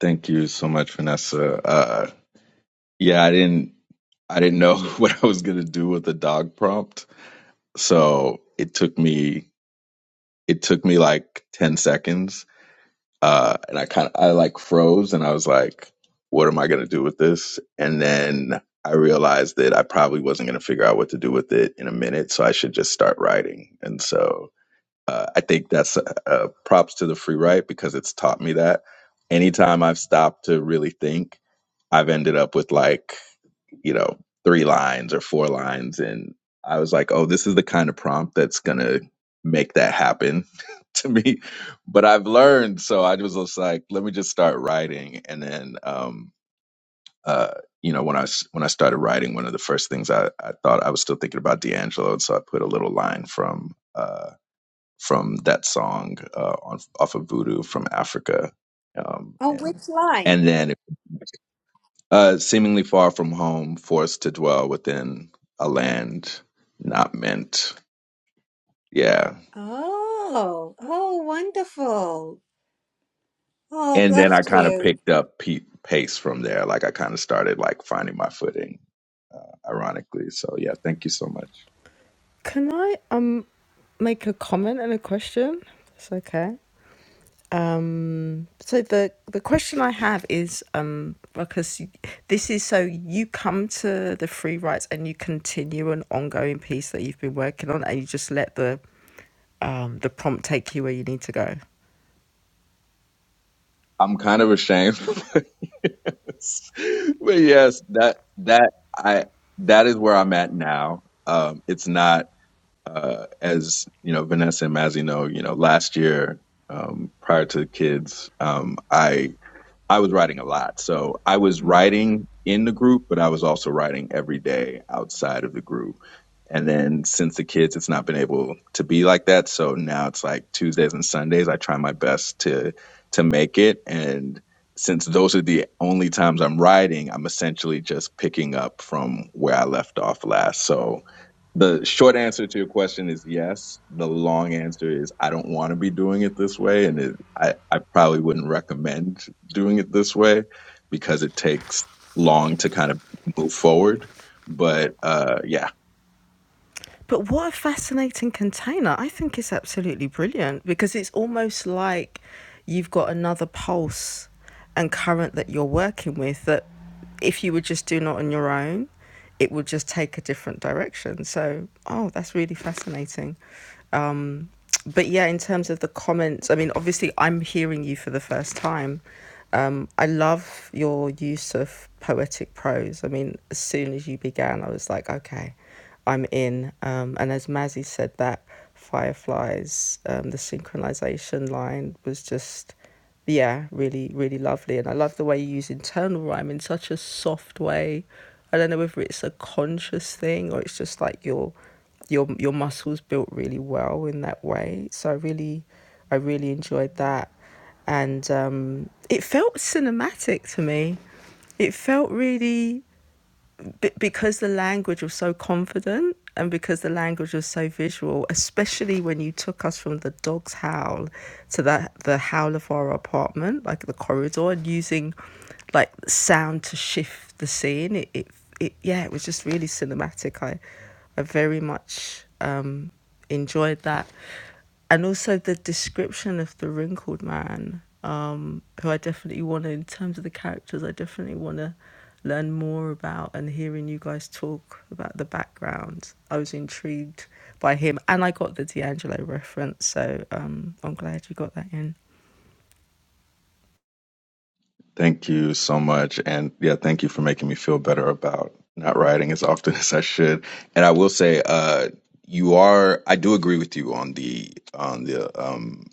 Speaker 4: Thank you so much, Vanessa. Uh, yeah, I didn't I didn't know what I was gonna do with the dog prompt, so it took me it took me like ten seconds uh, and I kind of I like froze, and I was like, "What am I gonna do with this?" And then I realized that I probably wasn't gonna figure out what to do with it in a minute, so I should just start writing. And so uh, I think that's uh, uh, props to the free write because it's taught me that. Anytime I've stopped to really think, I've ended up with like you know, three lines or four lines. And I was like, oh, this is the kind of prompt that's going to make that happen to me. But I've learned. So I was just like, let me just start writing. And then, um, uh, you know, when I s- when I started writing, one of the first things I, I thought I was still thinking about D'Angelo, and so I put a little line from uh, from that song uh, on, off of Voodoo from Africa, um,
Speaker 1: oh
Speaker 4: and
Speaker 1: which line
Speaker 4: and then uh, seemingly far from home, forced to dwell within a land not meant. Yeah.
Speaker 1: Oh, oh, wonderful. Oh,
Speaker 4: And then
Speaker 1: bless
Speaker 4: I kind of
Speaker 1: you.
Speaker 4: picked up pe- pace from there. Like I kind of started like finding my footing, uh, ironically. So yeah, thank you so much.
Speaker 3: Can I um make a comment and a question? It's okay. Um, so the the question I have is um, because this is so you come to the free rights and you continue an ongoing piece that you've been working on and you just let the um, the prompt take you where you need to go.
Speaker 4: I'm kind of ashamed, but yes, But yes, that that I that is where I'm at now. Um, it's not uh, as you know, Vanessa and Mazzy know. You know, last year um, prior to the kids, um, I I was writing a lot. So I was writing in the group, but I was also writing every day outside of the group. And then since the kids, it's not been able to be like that. So now it's like Tuesdays and Sundays. I try my best to to make it. And since those are the only times I'm writing, I'm essentially just picking up from where I left off last. So the short answer to your question is yes. The long answer is I don't want to be doing it this way, and it, I I probably wouldn't recommend doing it this way because it takes long to kind of move forward. But uh, yeah,
Speaker 3: But what a fascinating container. I think it's absolutely brilliant because it's almost like you've got another pulse and current that you're working with that if you were just doing it on your own, it would just take a different direction. So, oh, that's really fascinating. Um, but yeah, in terms of the comments, I mean, obviously, I'm hearing you for the first time. Um, I love your use of poetic prose. I mean, as soon as you began, I was like, okay, I'm in. Um, and as Mazzy said, that Fireflies, um, the synchronization line was just, yeah, really, really lovely. And I love the way you use internal rhyme in such a soft way. I don't know whether it's a conscious thing or it's just like your your your muscles built really well in that way. So I really, I really enjoyed that, and um, it felt cinematic to me. It felt really b- because the language was so confident and because the language was so visual, especially when you took us from the dog's howl to the the howl of our apartment, like the corridor, and using like sound to shift the scene. It, it, it yeah, it was just really cinematic. I, I very much um, enjoyed that, and also the description of the wrinkled man, um, who I definitely want to in terms of the characters. I definitely want to learn more about and hearing you guys talk about the background. I was intrigued by him and I got the D'Angelo reference, so um, I'm glad you got that in.
Speaker 4: thank you so much, and yeah, thank you for making me feel better about not writing as often as I should. And I will say, uh, you are I do agree with you on the on the um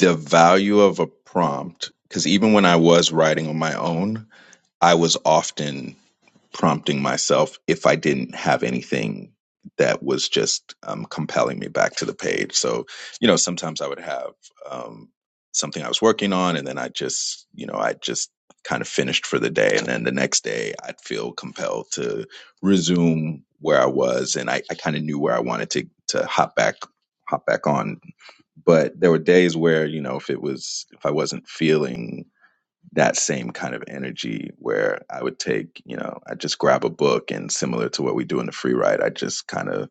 Speaker 4: the value of a prompt because even when i was writing on my own i was often prompting myself if i didn't have anything that was just um, compelling me back to the page so you know sometimes i would have um, something i was working on and then i just you know i just kind of finished for the day and then the next day i'd feel compelled to resume where i was and i, I kind of knew where i wanted to to hop back hop back on but there were days where you know if it was if i wasn't feeling that same kind of energy where i would take you know i just grab a book and similar to what we do in the free ride i just kind of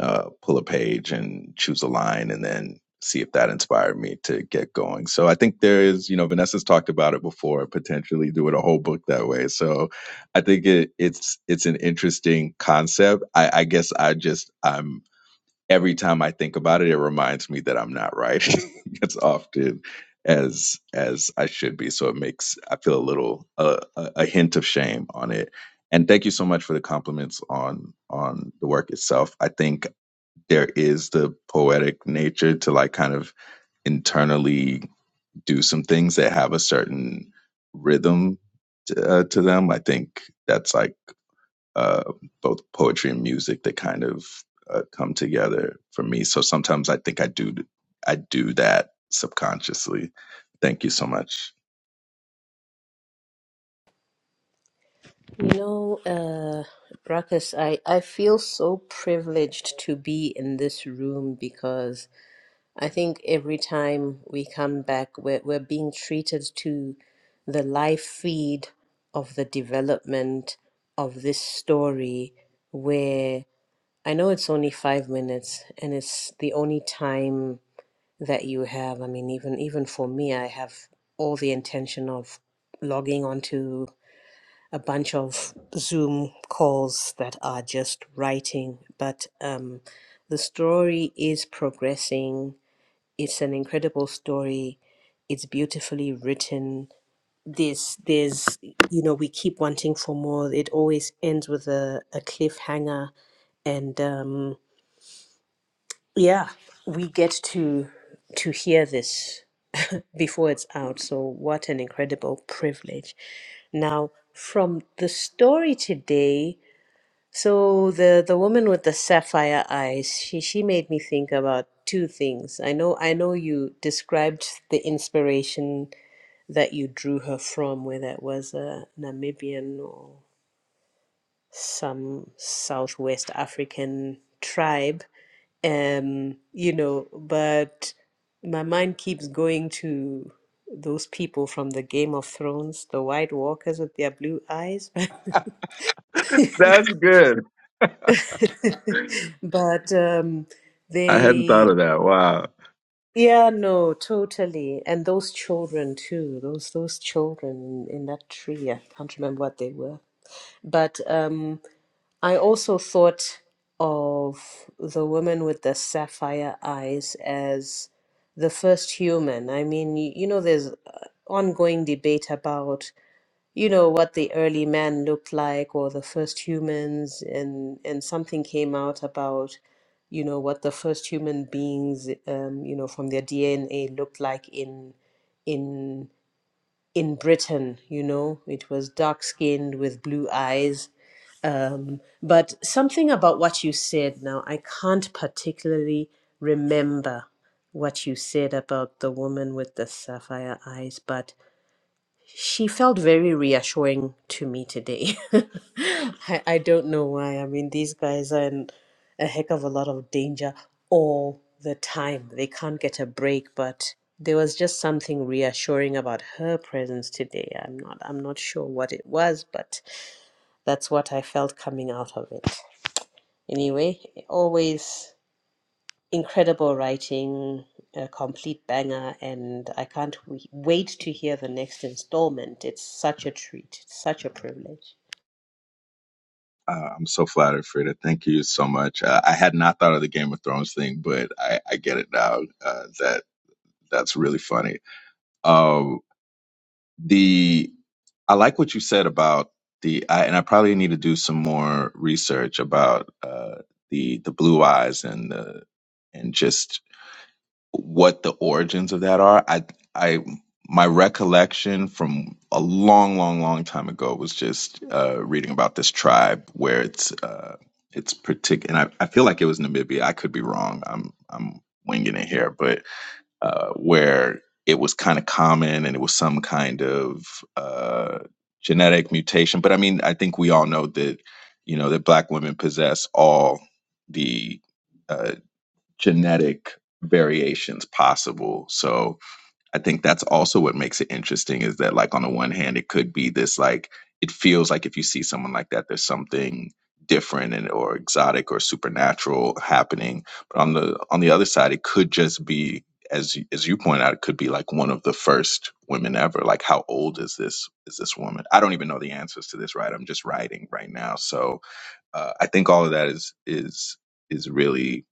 Speaker 4: uh, pull a page and choose a line and then see if that inspired me to get going so i think there is you know vanessa's talked about it before potentially doing a whole book that way so i think it, it's it's an interesting concept i i guess i just i'm every time I think about it, it reminds me that I'm not right as often as as I should be. So it makes I feel a little uh, a hint of shame on it. And thank you so much for the compliments on on the work itself. I think there is the poetic nature to like kind of internally do some things that have a certain rhythm to, uh, to them. I think that's like uh, both poetry and music that kind of uh, come together for me. So sometimes I think I do I do that subconsciously. Thank you so much.
Speaker 2: You know, uh, Ruckus, I, I feel so privileged to be in this room because I think every time we come back, we're, we're being treated to the live feed of the development of this story, where I know it's only five minutes and it's the only time that you have. I mean, even even for me, I have all the intention of logging onto a bunch of Zoom calls that are just writing, but um, the story is progressing it's an incredible story it's beautifully written this there's you know we keep wanting for more it always ends with a, a cliffhanger and um yeah we get to to hear this before it's out so what an incredible privilege now from the story today so the the woman with the sapphire eyes, she she made me think about two things. I know I know you described the inspiration that you drew her from, whether it was a Namibian or some Southwest African tribe. Um, you know, but my mind keeps going to those people from the Game of Thrones, the White Walkers with their blue eyes.
Speaker 4: That's good.
Speaker 2: But um,
Speaker 4: I hadn't
Speaker 2: they,
Speaker 4: thought of that. Wow.
Speaker 2: yeah, no, totally. And those children too, those those children in that tree, I can't remember what they were. But um, I also thought of the woman with the sapphire eyes as the first human. I mean, you, you know, there's uh, ongoing debate about you know what the early man looked like or the first humans and and something came out about you know what the first human beings um you know from their DNA looked like in in in Britain you know it was dark skinned with blue eyes um but something about what you said now I can't particularly remember what you said about the woman with the sapphire eyes but she felt very reassuring to me today. I, I don't know why. I mean, these guys are in a heck of a lot of danger all the time. They can't get a break, but there was just something reassuring about her presence today. I'm not I'm not sure what it was, but that's what I felt coming out of it. Anyway, always incredible writing, a complete banger, and I can't w- wait to hear the next installment. It's such a treat, it's such a privilege.
Speaker 4: Uh, I'm so flattered, Frida. Thank you so much. Uh, I had not thought of the Game of Thrones thing, but I, I get it now. Uh, that that's really funny. Um, the I like what you said about the I, and I probably need to do some more research about uh, the the blue eyes and the and just what the origins of that are. I I my recollection from a long, long, long time ago was just uh, reading about this tribe where it's uh, it's particular, and I, I feel like it was Namibia. I could be wrong. I'm I'm winging it here, but uh, where it was kind of common and it was some kind of uh, genetic mutation. But I mean, I think we all know that, you know, that black women possess all the uh, genetic variations possible. So, I think that's also what makes it interesting is that like on the one hand it could be this like it feels like if you see someone like that there's something different and or exotic or supernatural happening but on the on the other side it could just be as you- as you point out it could be like one of the first women ever like how old is this is this woman I don't even know the answers to this right I'm just writing right now so uh, I think all of that is is is really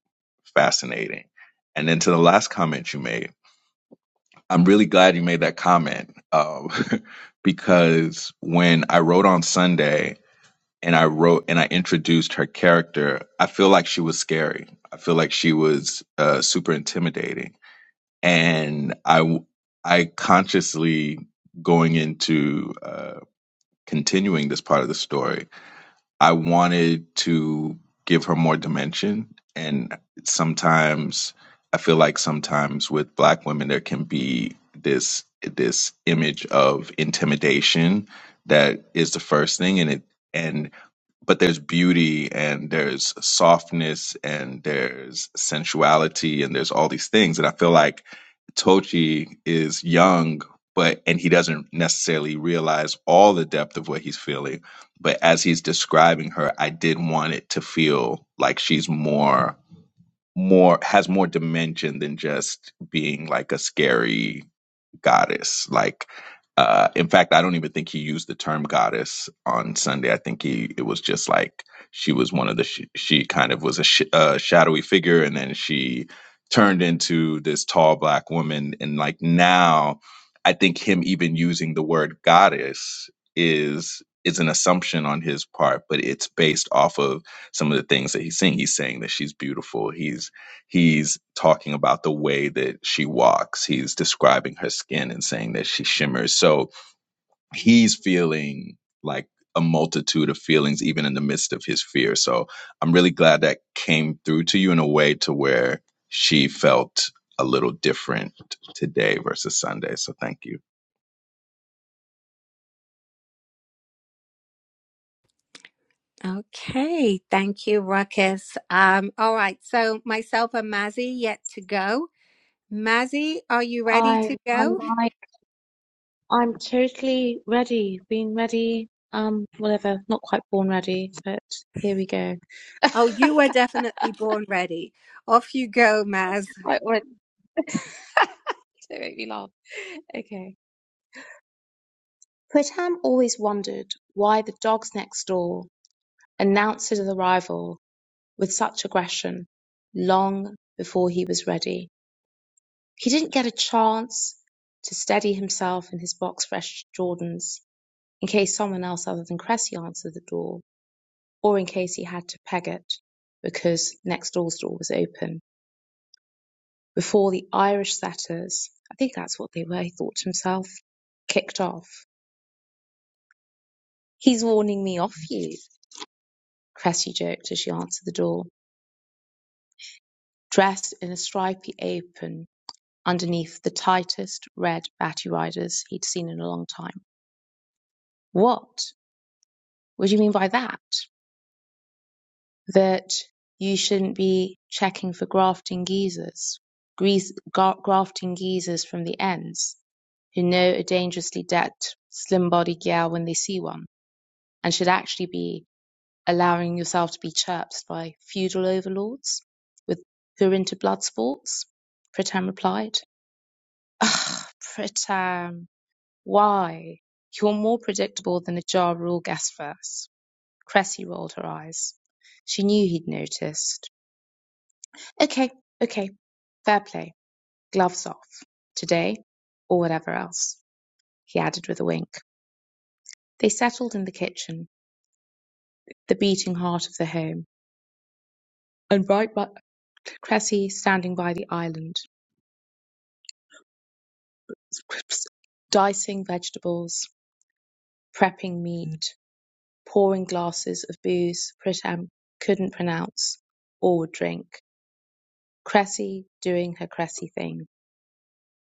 Speaker 4: fascinating and then to the last comment you made I'm really glad you made that comment um, because when I wrote on Sunday and I wrote and I introduced her character, I feel like she was scary. I feel like she was uh, super intimidating, and I I consciously going into uh, continuing this part of the story I wanted to give her more dimension. And sometimes I feel like sometimes with black women there can be this this image of intimidation that is the first thing and it and but there's beauty and there's softness and there's sensuality and there's all these things and i feel like tochi is young but and he doesn't necessarily realize all the depth of what he's feeling but as he's describing her i did want it to feel like she's more more has more dimension than just being like a scary goddess. Like, uh, in fact, I don't even think he used the term goddess on Sunday. I think he it was just like she was one of the she, she kind of was a sh- uh, shadowy figure, and then she turned into this tall black woman. And like now, I think him even using the word goddess is is an assumption on his part, but it's based off of some of the things that he's saying. He's saying that she's beautiful. He's He's talking about the way that she walks. He's describing her skin and saying that she shimmers. So he's feeling like a multitude of feelings, even in the midst of his fear. So I'm really glad that came through to you in a way to where she felt a little different today versus Sunday. So thank you.
Speaker 1: Okay, thank you, Ruckus. Um, all right, so myself and Mazzy yet to go. Mazzy, are you ready to
Speaker 5: I'm I'm
Speaker 1: go?
Speaker 5: like I'm totally ready, been ready, um, whatever, not quite born ready, but here we go.
Speaker 1: Oh, you were definitely born ready. Off you go, Maz.
Speaker 5: Right, well, don't make me laugh. Okay. Pritam always wondered why the dogs next door announced his arrival with such aggression long before he was ready. He didn't get a chance to steady himself in his box fresh Jordans in case someone else other than Cressy answered the door, or in case he had to peg it because next door's door was open before the Irish setters, I think that's what they were, he thought to himself, kicked off. He's warning me off you, Cressy joked as she answered the door, dressed in a stripy apron underneath the tightest red batty riders he'd seen in a long time. What? What do you mean by that? That you shouldn't be checking for grafting geezers, grease, gar- grafting geezers from the ends, who know a dangerously decked, slim bodied gal when they see one, and should actually be allowing yourself to be chirped by feudal overlords with who are into blood sports? Pritam replied. Ugh, Pritam. Why? You're more predictable than a Ja Rule guest verse. Cressy rolled her eyes. She knew he'd noticed. Okay, okay. Fair play. Gloves off. Today, or whatever else, he added with a wink. They settled in the kitchen, the beating heart of the home, and right by Cressy standing by the island, dicing vegetables, prepping meat, pouring glasses of booze Pritam couldn't pronounce or drink Cressy doing her Cressy thing,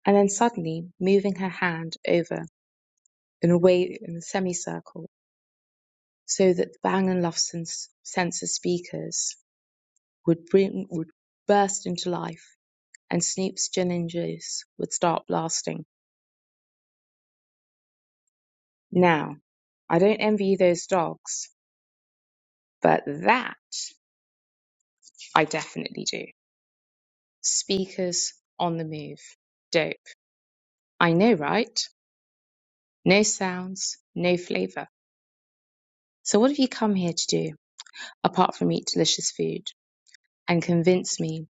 Speaker 5: and then suddenly moving her hand over in a way in a semicircle so that the Bang& Olufsen's sensor speakers would bring would burst into life and Snoop's gin and juice would start blasting. Now, I don't envy you those dogs, but that I definitely do. Speakers on the move. Dope. I know, right? No sounds, no flavour. So what have you come here to do? apart from eat delicious food, and convince me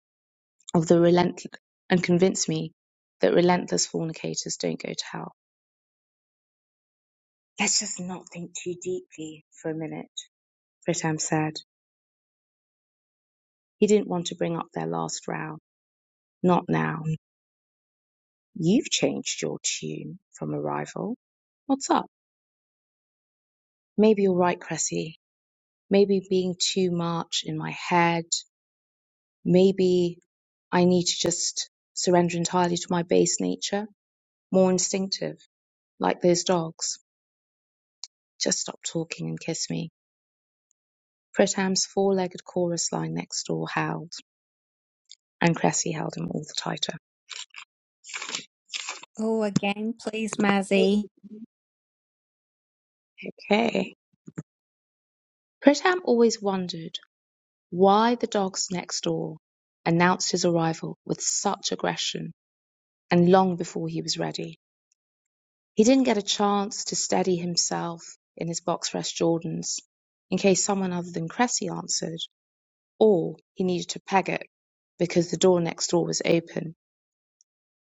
Speaker 5: of the relent and convince me that relentless fornicators don't go to hell. Let's just not think too deeply for a minute, Pritam said. He didn't want to bring up their last row. Not now. You've changed your tune from arrival. What's up? Maybe you're right, Cressy. Maybe being too much in my head. Maybe I need to just surrender entirely to my base nature, more instinctive Like those dogs. Just stop talking and kiss me. Pritam's four-legged chorus line next door howled, and Cressy held him all the tighter.
Speaker 1: Oh, again, please, Mazzy.
Speaker 5: Okay. Pritam always wondered why the dogs next door announced his arrival with such aggression and long before he was ready. He didn't get a chance to steady himself in his box fresh Jordans in case someone other than Cressy answered, or he needed to peg it because the door next door was open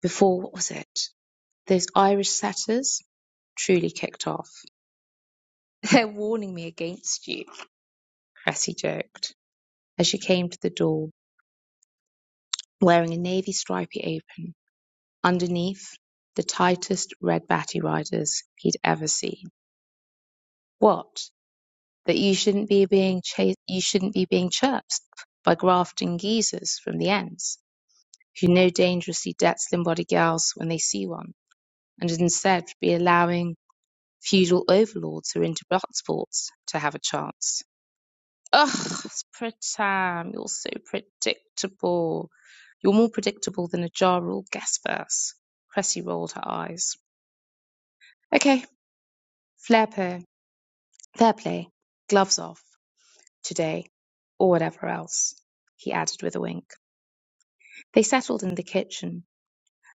Speaker 5: before, what was it? Those Irish setters, truly kicked off. They're warning me against you, Cressy joked as she came to the door, wearing a navy stripy apron. Underneath, the tightest red batty riders he'd ever seen. What? That you shouldn't be being chased, you shouldn't be being chirped by grafting geezers from the ends, who know dangerously debt slim body girls when they see one, and instead be allowing feudal overlords who are into blood sports to have a chance. Ugh, it's pred You're so predictable. You're more predictable than a Ja Rule guest verse. Cressy rolled her eyes. Okay, flair play. Fair play. Gloves off. Today. Or whatever else. He added with a wink. They settled in the kitchen.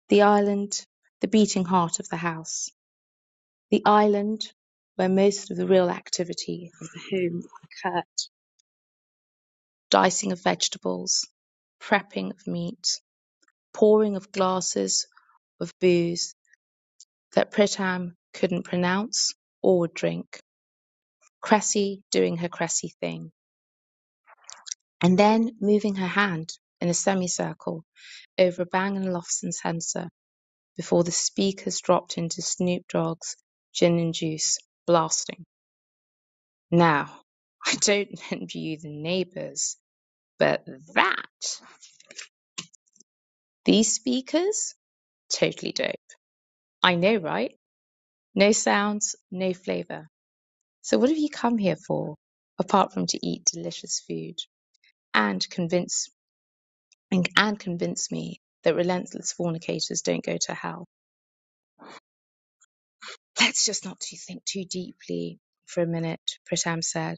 Speaker 5: The island, the beating heart of the house. The island where most of the real activity of the home occurred. Dicing of vegetables, prepping of meat, pouring of glasses of booze that Pritam couldn't pronounce or drink. Cressy doing her Cressy thing. And then moving her hand in a semicircle over Bang& and Olufsen's sensor before the speakers dropped into Snoop Dogg's gin and juice, blasting. Now, I don't envy you the neighbours, but that, these speakers, totally dope. I know, right? No sounds, no flavour. So, what have you come here for, apart from to eat delicious food and convince and, and convince me that relentless fornicators don't go to hell? Let's just not to think too deeply for a minute, Pritam said.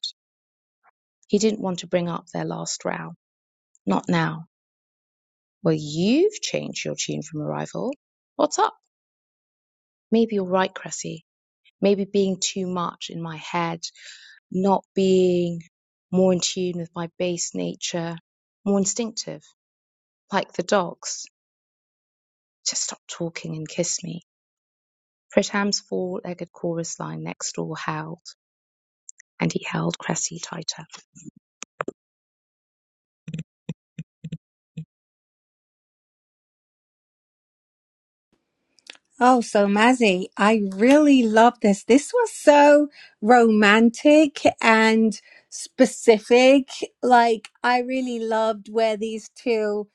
Speaker 5: He didn't want to bring up their last row. Not now. Well, you've changed your tune from arrival. What's up? Maybe you're right, Cressy. Maybe being too much in my head, not being more in tune with my base nature, more instinctive Like the dogs, just stop talking and kiss me. Pritham's four legged chorus line next door howled, and he held Cressy tighter.
Speaker 1: Oh, so Mazzy, I really love this. This was so romantic and specific. Like, I really loved where these two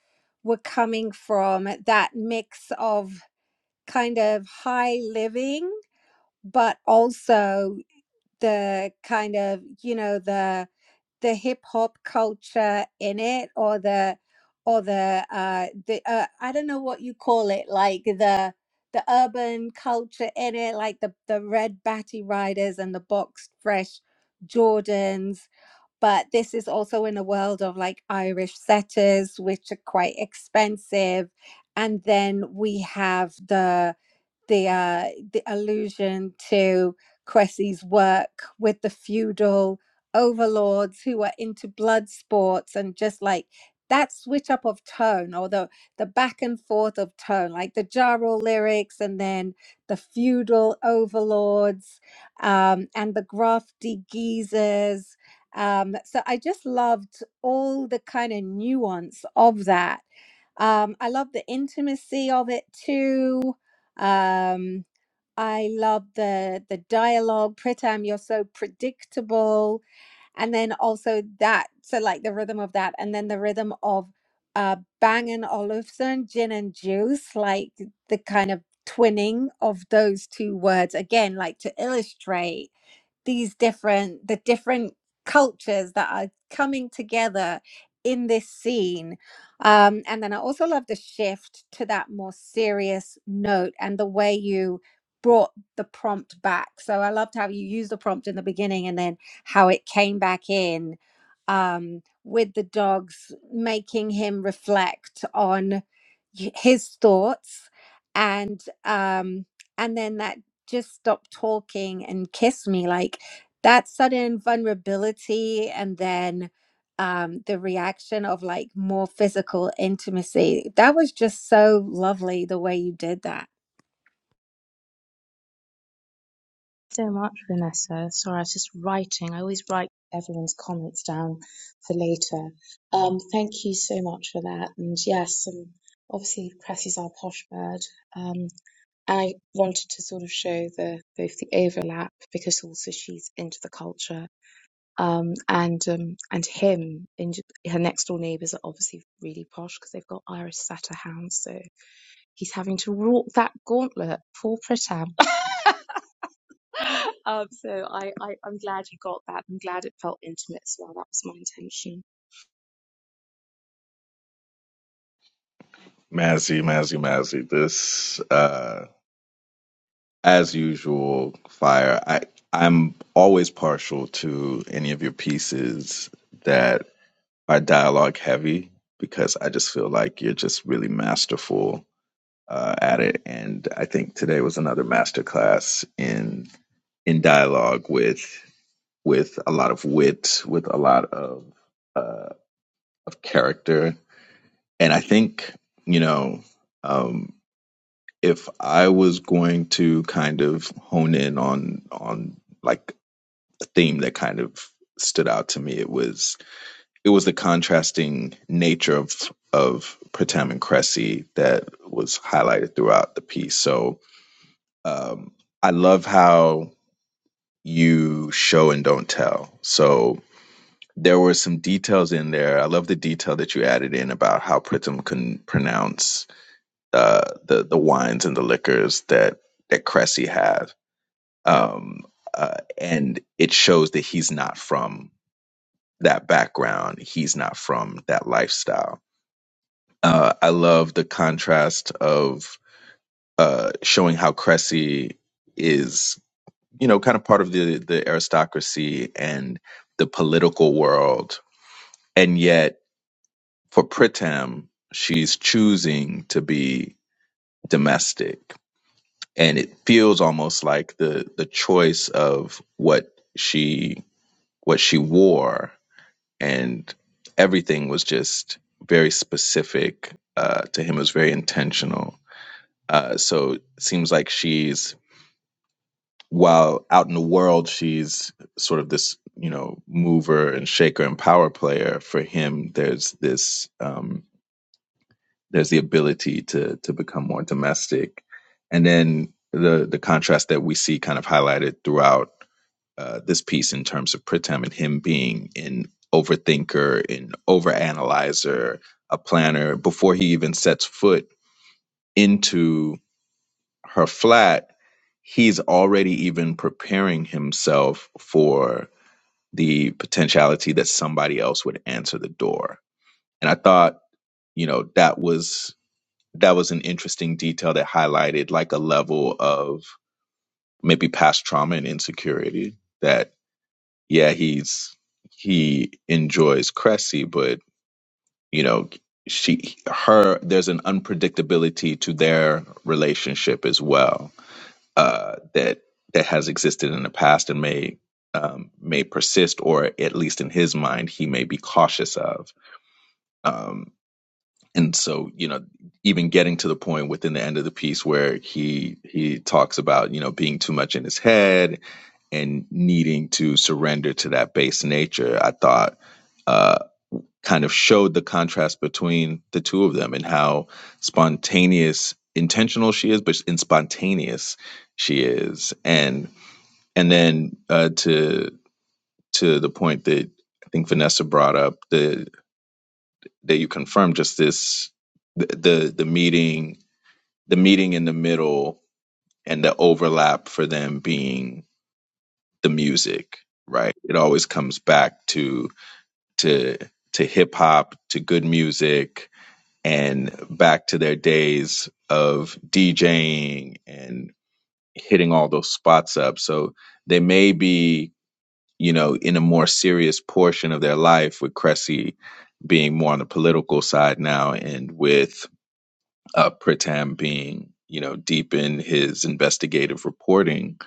Speaker 1: were coming from, that mix of kind of high living, but also the kind of, you know, the the hip hop culture in it or the or the uh the uh, I don't know what you call it like the the urban culture in it like the the red batty riders and the boxed fresh Jordans but this is also in a world of like Irish setters which are quite expensive and then we have the the uh, the allusion to Cressy's work with the feudal overlords who are into blood sports and just like that switch up of tone or the the back and forth of tone like the jarro lyrics and then the feudal overlords um, and the grafty geezers um, so i just loved all the kind of nuance of that um, i love the intimacy of it too um, I love the the dialogue. Pritam, you're so predictable, and then also that. So like the rhythm of that, and then the rhythm of uh, Bang and Olufsen, gin and juice, like the kind of twinning of those two words again, like to illustrate these different the different cultures that are coming together in this scene um, and then i also love the shift to that more serious note and the way you brought the prompt back so i loved how you used the prompt in the beginning and then how it came back in um, with the dogs making him reflect on y- his thoughts and um, and then that just stop talking and kiss me like that sudden vulnerability and then um the reaction of like more physical intimacy that was just so lovely the way you did that
Speaker 5: so much, Vanessa. Sorry, I was just writing. I always write everyone's comments down for later. Um, thank you so much for that. And yes, um, obviously Cressy's our posh bird. Um, and I wanted to sort of show the both the overlap because also she's into the culture. Um, and um, and him, in, her next door neighbours are obviously really posh because they've got Irish Setter hounds. So he's having to walk that gauntlet. Poor Pritam. um, so I, I, I'm glad you got that. I'm glad it felt intimate as well. That was my intention.
Speaker 4: Mazzy, Mazzy, Mazzy. This, uh, as usual, fire. I, I'm always partial to any of your pieces that are dialogue heavy because I just feel like you're just really masterful uh, at it. And I think today was another masterclass in in dialogue with with a lot of wit, with a lot of uh, of character. And I think you know um, if I was going to kind of hone in on on like a theme that kind of stood out to me, it was it was the contrasting nature of of Pratam and Cressy that was highlighted throughout the piece. So um, I love how you show and don't tell. So there were some details in there. I love the detail that you added in about how Pritam can pronounce uh, the the wines and the liquors that that Cressy had, um, uh, and it shows that he's not from that background. He's not from that lifestyle Uh, I love the contrast of uh, showing how Cressy is, you know, kind of part of the the aristocracy and the political world, and yet for Pritam, she's choosing to be domestic, and it feels almost like the the choice of what she what she wore and everything was just very specific uh, to him. It was very intentional Uh, so it seems like she's, while out in the world, she's sort of this, you know, mover and shaker and power player. For him, there's this, um, there's the ability to to become more domestic, and then the the contrast that we see kind of highlighted throughout uh, this piece in terms of Pritam and him being an overthinker, an overanalyzer, a planner before he even sets foot into her flat, he's already even preparing himself for the potentiality that somebody else would answer the door. And I thought, you know, that was that was an interesting detail that highlighted like a level of maybe past trauma and insecurity that yeah, he's he enjoys Cressy, but you know, she her there's an unpredictability to their relationship as well uh, that that has existed in the past and may um, may persist, or at least in his mind, he may be cautious of. Um, and so, you know, even getting to the point within the end of the piece where he he talks about you know being too much in his head and needing to surrender to that base nature, I thought uh, kind of showed the contrast between the two of them and how spontaneous, intentional she is, but and spontaneous she is. and and then uh, to to the point that I think Vanessa brought up, the that you confirmed just this the the, the meeting the meeting in the middle and the overlap for them being the music, right? It always comes back to to to hip hop, to good music, and back to their days of DJing and hitting all those spots up. So they may be you know, in a more serious portion of their life, with Cressy being more on the political side now, and with uh, Pritam being, you know, deep in his investigative reporting.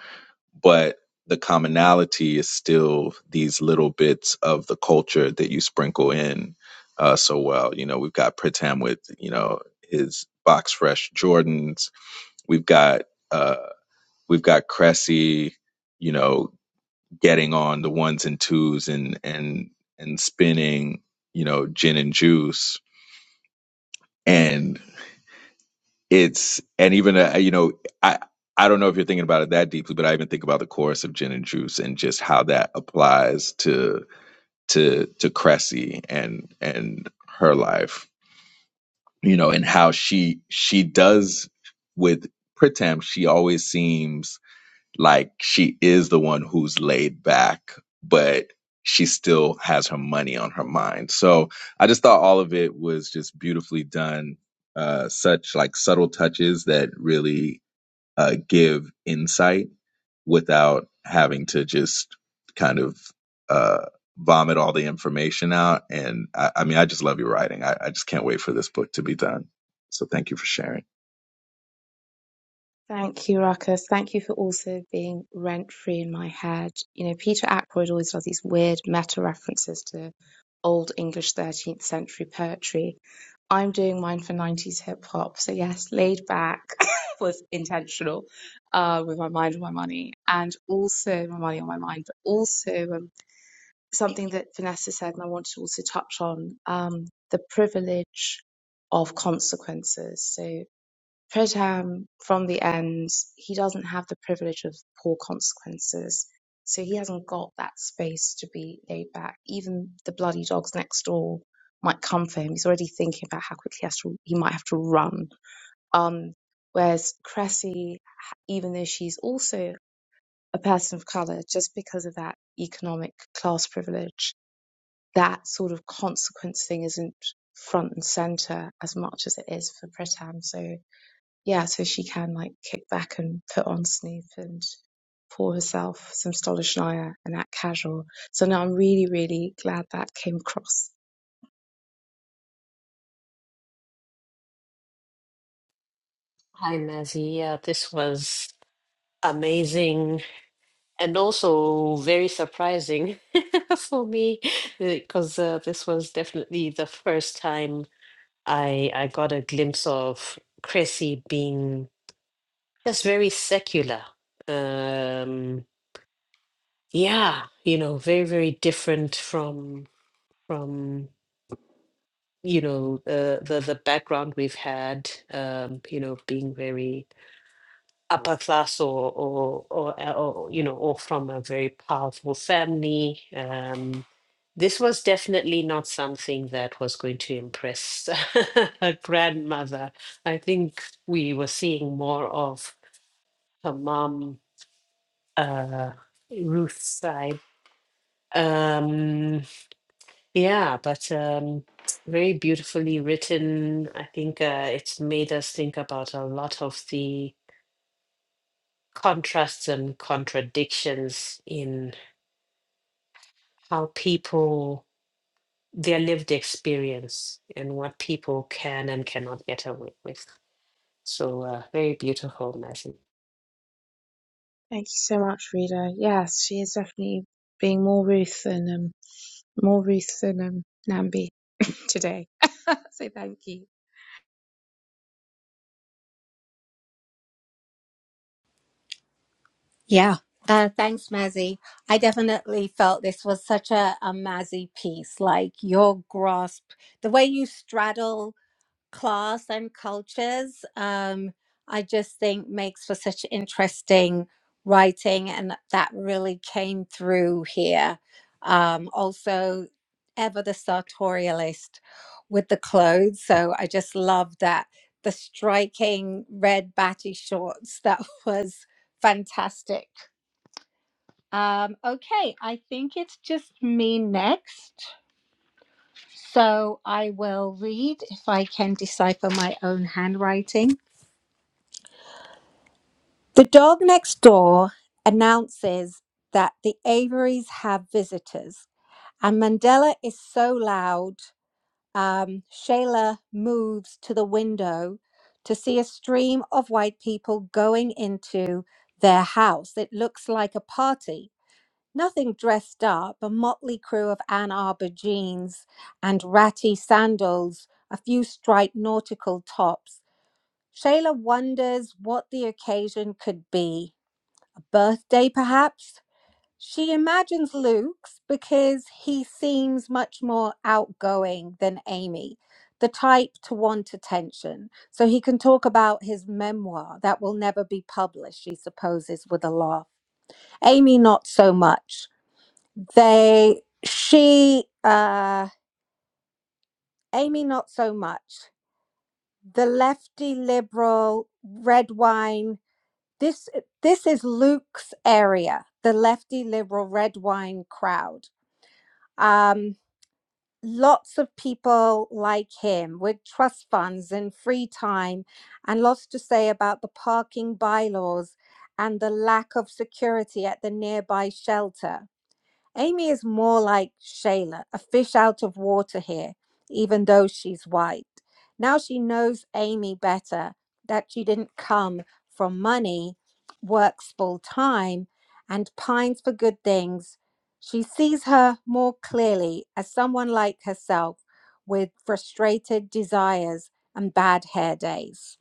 Speaker 4: But the commonality is still these little bits of the culture that you sprinkle in uh, so well. You know, we've got Pritam with, you know, his box fresh Jordans. We've got, uh, we've got Cressy, you know, getting on the ones and twos and and and spinning you know gin and juice and it's and even uh, you know i i don't know if you're thinking about it that deeply but i even think about the chorus of gin and juice and just how that applies to to to cressy and and her life you know and how she she does with pritam she always seems like she is the one who's laid back, but she still has her money on her mind. So I just thought all of it was just beautifully done. Uh, such like subtle touches that really uh, give insight without having to just kind of uh, vomit all the information out. And I, I mean, I just love your writing. I, I just can't wait for this book to be done. So thank you for sharing.
Speaker 5: Thank you, Ruckus. Thank you for also being rent free in my head. You know, Peter Ackroyd always does these weird meta references to old English 13th century poetry. I'm doing mine for 90s hip hop. So, yes, laid back was intentional uh, with my mind on my money and also my money on my mind, but also um. something that Vanessa said, and I want to also touch on um, the privilege of consequences. So, Pridham, from the end, he doesn't have the privilege of poor consequences. So, he hasn't got that space to be laid back. Even the bloody dogs next door might come for him. He's already thinking about how quickly he, has to, he might have to run. Um, whereas Cressy, even though she's also a person of color, just because of that economic class privilege, that sort of consequence thing isn't front and center as much as it is for Pritam. So yeah, so she can like kick back and put on Snoop and pour herself some Stolichnaya and act casual. So now I'm really, really glad that came across.
Speaker 2: Hi, Mazzy. Yeah, this was amazing and also very surprising for me because uh, this was definitely the first time I I got a glimpse of Cressy being just very secular. Um, yeah, you know, very, very different from. from you know the the the background we've had um you know being very upper class or or or, uh, or you know or from a very powerful family um this was definitely not something that was going to impress her grandmother i think we were seeing more of her mom uh ruth's side um Yeah, but um, very beautifully written. I think uh, it's made us think about a lot of the contrasts and contradictions in how people, their lived experience, and what people can and cannot get away with. So, uh, very beautiful message.
Speaker 5: Thank you so much, Rita. Yes, she is definitely being more Ruth than um, more Ruth than um, Nambi today. so thank you.
Speaker 1: Yeah. Uh, thanks, Mazzy. I definitely felt this was such a, a Mazzy piece. Like your grasp, the way you straddle class and cultures, um, I just think makes for such interesting writing, and that really came through here. Um, also, ever the sartorialist with the clothes, so I just love that the striking red batty shorts. That was fantastic. Um, okay, I think it's just me next. So I will read if I can decipher my own handwriting. The dog next door announces that the Averys have visitors, and Mandela is so loud. Um, Shayla moves to the window to see a stream of white people going into their house. It looks like a party. Nothing dressed up, a motley crew of Ann Arbor jeans and ratty sandals, a few striped nautical tops. Shayla wonders what the occasion could be birthday, perhaps. She imagines Luke's because he seems much more outgoing than Amy, the type to want attention. So he can talk about his memoir that will never be published, she supposes, with a laugh. Amy, not so much. They, she, uh, Amy, not so much. The lefty liberal, red wine This this is Luke's area, the lefty liberal red wine crowd. Um, lots of people like him with trust funds and free time, and lots to say about the parking bylaws and the lack of security at the nearby shelter. Amy is more like Shayla, a fish out of water here, even though she's white. Now she knows Amy better, that she didn't come from money, works full time, and pines for good things. She sees her more clearly as someone like herself with frustrated desires and bad hair days.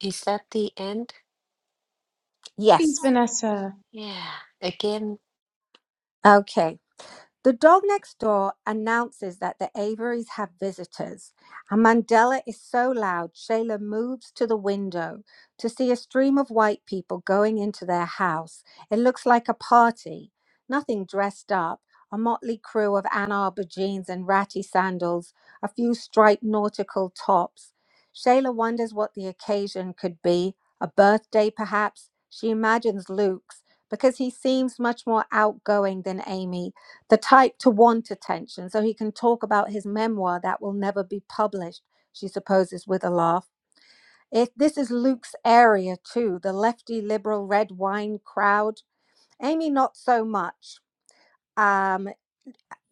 Speaker 2: Is that the end?
Speaker 1: Yes.
Speaker 5: Please, Vanessa.
Speaker 2: Yeah. Again,
Speaker 1: Okay. The dog next door announces that the Averys have visitors, and Mandela is so loud, Shayla moves to the window to see a stream of white people going into their house. It looks like a party, nothing dressed up, a motley crew of Ann Arbor jeans and ratty sandals, a few striped nautical tops. Shayla wonders what the occasion could be a birthday, perhaps. She imagines Luke's because he seems much more outgoing than Amy the type to want attention, so he can talk about his memoir that will never be published, she supposes with a laugh. If this is Luke's area too, the lefty liberal red wine crowd. Amy, not so much. Um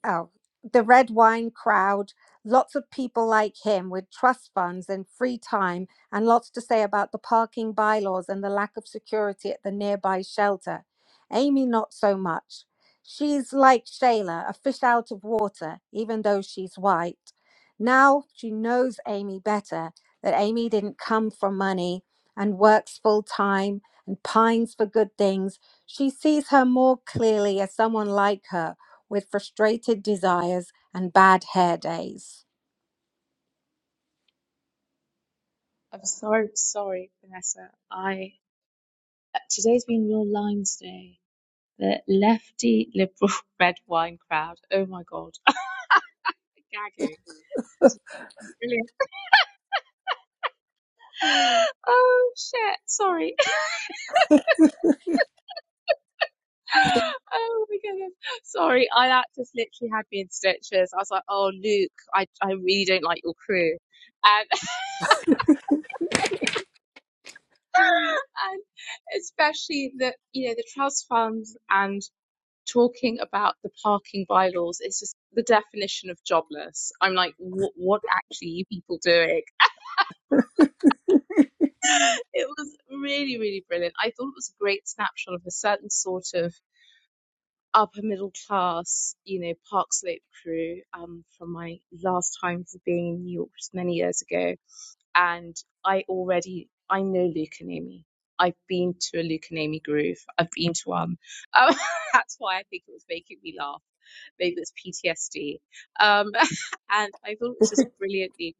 Speaker 1: oh, the red wine crowd, lots of people like him with trust funds and free time, and lots to say about the parking bylaws and the lack of security at the nearby shelter. Amy, not so much. She's like Shayla, a fish out of water, even though she's white. Now she knows Amy better, that Amy didn't come from money and works full time and pines for good things. She sees her more clearly as someone like her with frustrated desires and bad hair days.
Speaker 5: I'm sorry, sorry, Vanessa. I uh, today's been real lines day. The lefty liberal red wine crowd. Oh my god, gagging. This is Brilliant. Oh shit, sorry. Oh my goodness. Sorry, I that just literally had me in stitches. I was like, oh Luke, I, I really don't like your crew. Um, and especially the you know the trust funds and talking about the parking bylaws it's just the definition of jobless i'm like what what actually are you people doing it was really really brilliant i thought it was a great snapshot of a certain sort of upper middle class you know park slope crew um from my last time being in new york just many years ago and I already I know Lukanemi. I've been to a Lukanemi groove. I've been to one. Um, that's why I think it was making me laugh. Maybe it's PTSD. Um, and I thought it was just brilliantly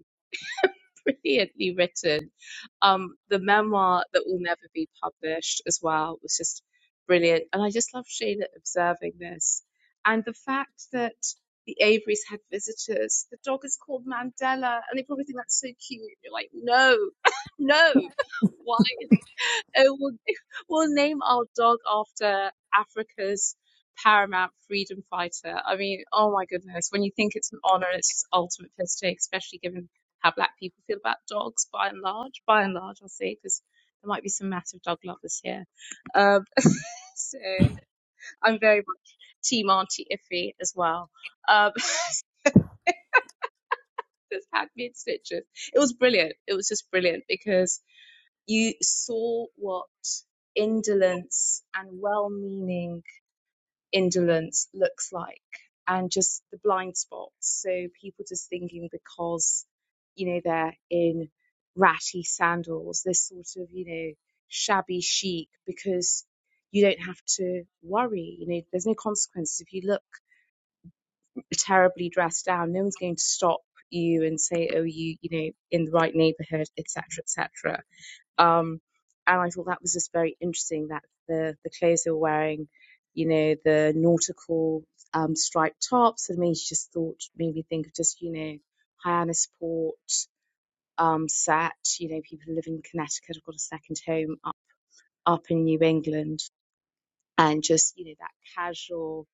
Speaker 5: brilliantly written. Um, the memoir that will never be published as well was just brilliant. And I just love Shayla observing this. And the fact that the Averys had visitors, the dog is called Mandela, and they probably think that's so cute. You're like, no, no, why is it? oh, we'll, we'll name our dog after Africa's paramount freedom fighter. I mean, oh my goodness, when you think it's an honor, it's just ultimate piss take, especially given how black people feel about dogs by and large. By and large, I'll say, because there might be some massive dog lovers here. Um, so I'm very much Team Auntie Iffy as well. Um, that's had me in stitches. It was brilliant. It was just brilliant because you saw what indolence and well-meaning indolence looks like and just the blind spots. So people just thinking because, you know, they're in ratty sandals, this sort of, you know, shabby chic because you don't have to worry. You know, there's no consequences. If you look terribly dressed down, no one's going to stop you and say, oh, you, you know, in the right neighborhood, etc., etc. Um, and I thought that was just very interesting that the, the clothes they were wearing, you know, the nautical um, striped tops, and I mean, she just thought, made me think of just, you know, Hyannisport, um, Sat, you know, people who live in Connecticut have got a second home up, up in New England, and just, you know, that casual,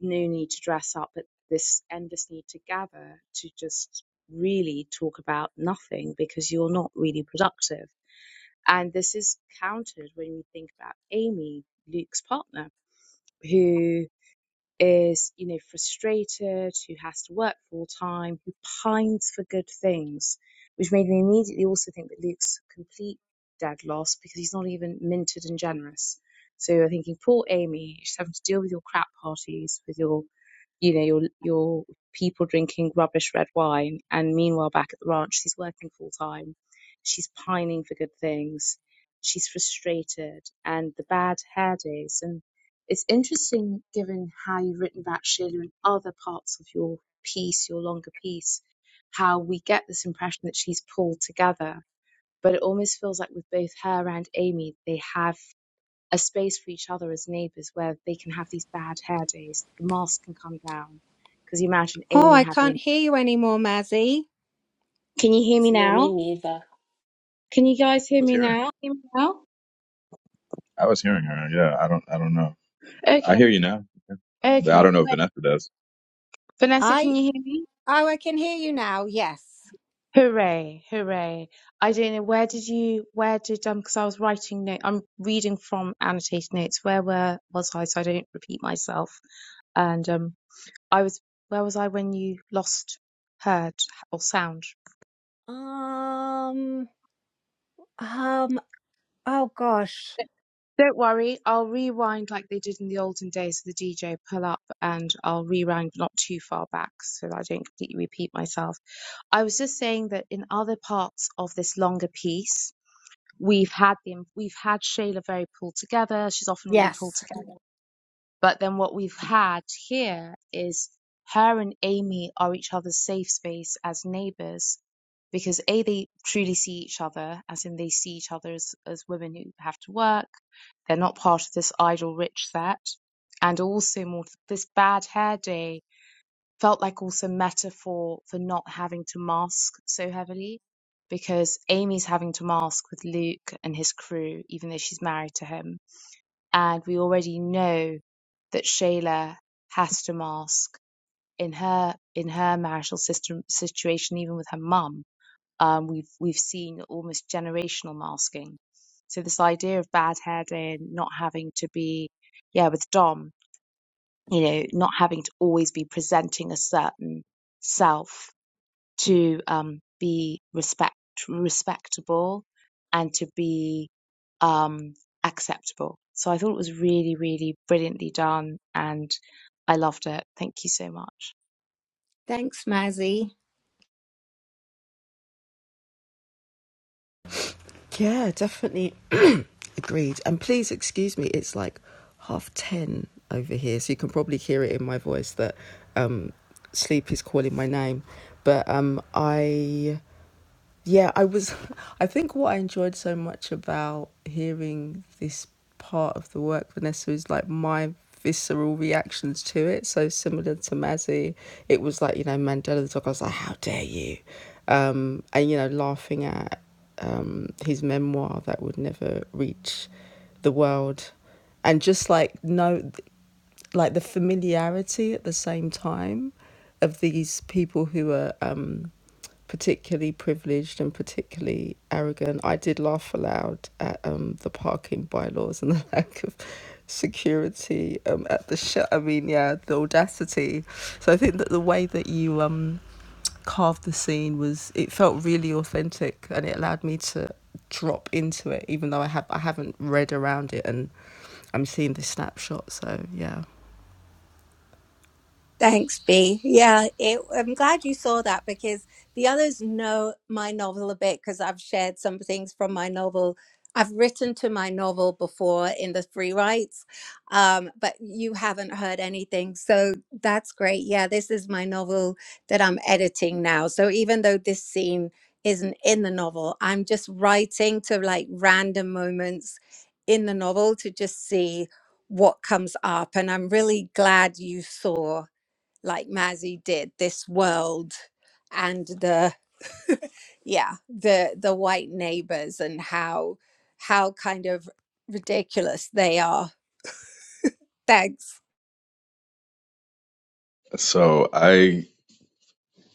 Speaker 5: no need to dress up, but this endless need to gather to just really talk about nothing because you're not really productive and this is countered when we think about Amy, Luke's partner, who is, you know, frustrated, who has to work full time, who pines for good things, which made me immediately also think that Luke's a complete dead loss because he's not even minted and generous. So I'm thinking, poor Amy, she's having to deal with your crap parties, with your you know, your your people drinking rubbish red wine. And meanwhile, back at the ranch, she's working full time. She's pining for good things. She's frustrated, and the bad hair days. And it's interesting, given how you've written about Sheila in other parts of your piece, your longer piece, how we get this impression that she's pulled together. But it almost feels like with both her and Amy, they have a space for each other as neighbors where they can have these bad hair days. The mask can come down. Because you imagine
Speaker 1: Oh,
Speaker 5: Amy
Speaker 1: I can't
Speaker 5: having.
Speaker 1: hear you anymore, Mazzy.
Speaker 5: Can you hear me
Speaker 2: Yeah,
Speaker 5: now?
Speaker 2: me neither.
Speaker 5: Can you guys
Speaker 4: I
Speaker 5: hear
Speaker 4: was
Speaker 5: me
Speaker 4: hearing.
Speaker 5: now? Hear me now?
Speaker 4: I was hearing her. Yeah, I don't. I don't know. I
Speaker 5: Okay,
Speaker 4: hear you now, but I
Speaker 5: okay.
Speaker 4: don't know if Vanessa does.
Speaker 5: Vanessa,
Speaker 1: I
Speaker 5: can you hear me?
Speaker 1: oh, I can hear you now. Yes.
Speaker 5: Hooray, hooray. I don't know, where did you, where did, um, because I was writing notes. I'm reading from annotated notes. Where were, was I, so I don't repeat myself? And, um, I was, where was I when you lost heard or sound?
Speaker 1: Um. Um. Oh gosh.
Speaker 5: Don't worry, I'll rewind like they did in the olden days with the DJ pull up and I'll rewind not too far back so that I don't completely repeat myself. I was just saying that in other parts of this longer piece, we've had the we've had Shayla very pulled together. She's often really pulled
Speaker 1: Yes.
Speaker 5: together. But then what we've had here is her and Amy are each other's safe space as neighbors because A, they truly see each other, as in they see each other as, as women who have to work. They're not part of this idle rich set. And also more this bad hair day felt like also metaphor for not having to mask so heavily because Amy's having to mask with Luke and his crew, even though she's married to him and we already know that Shayla has to mask in her in her marital system situation, even with her mum. Um, we've we've seen almost generational masking. So this idea of bad hair day and not having to be, yeah, with Dom, you know, not having to always be presenting a certain self to um, be respect respectable and to be um, acceptable. So I thought it was really, really brilliantly done, and I loved it. Thank you so much.
Speaker 1: Thanks, Mazzy.
Speaker 3: Yeah, definitely agreed. And please excuse me, it's like half 10 over here, so you can probably hear it in my voice that um, sleep is calling my name. But um, I Yeah, I was. I think what I enjoyed so much about hearing this part of the work, Vanessa, is like my visceral reactions to it. So similar to Mazzy, it was like, you know, Mandela the dog. I was like, how dare you? Um, and, you know, laughing at um, his memoir that would never reach the world. And just like, no like the familiarity at the same time of these people who are um, particularly privileged and particularly arrogant. I did laugh aloud at um, the parking bylaws and the lack of security um, at the sh- I mean, yeah, the audacity. So I think that the way that you um, carved the scene was it felt really authentic and it allowed me to drop into it, even though I have I haven't read around it and I'm seeing this snapshot. So yeah.
Speaker 1: Thanks, B. Yeah, it, I'm glad you saw that because the others know my novel a bit because I've shared some things from my novel. I've written to my novel before in the free writes, um, but you haven't heard anything. So that's great. Yeah, this is my novel that I'm editing now. So even though this scene isn't in the novel, I'm just writing to like random moments in the novel to just see what comes up. And I'm really glad you saw like Mazzy did, this world and the yeah, the the white neighbors and how how kind of ridiculous they are. Thanks.
Speaker 4: So I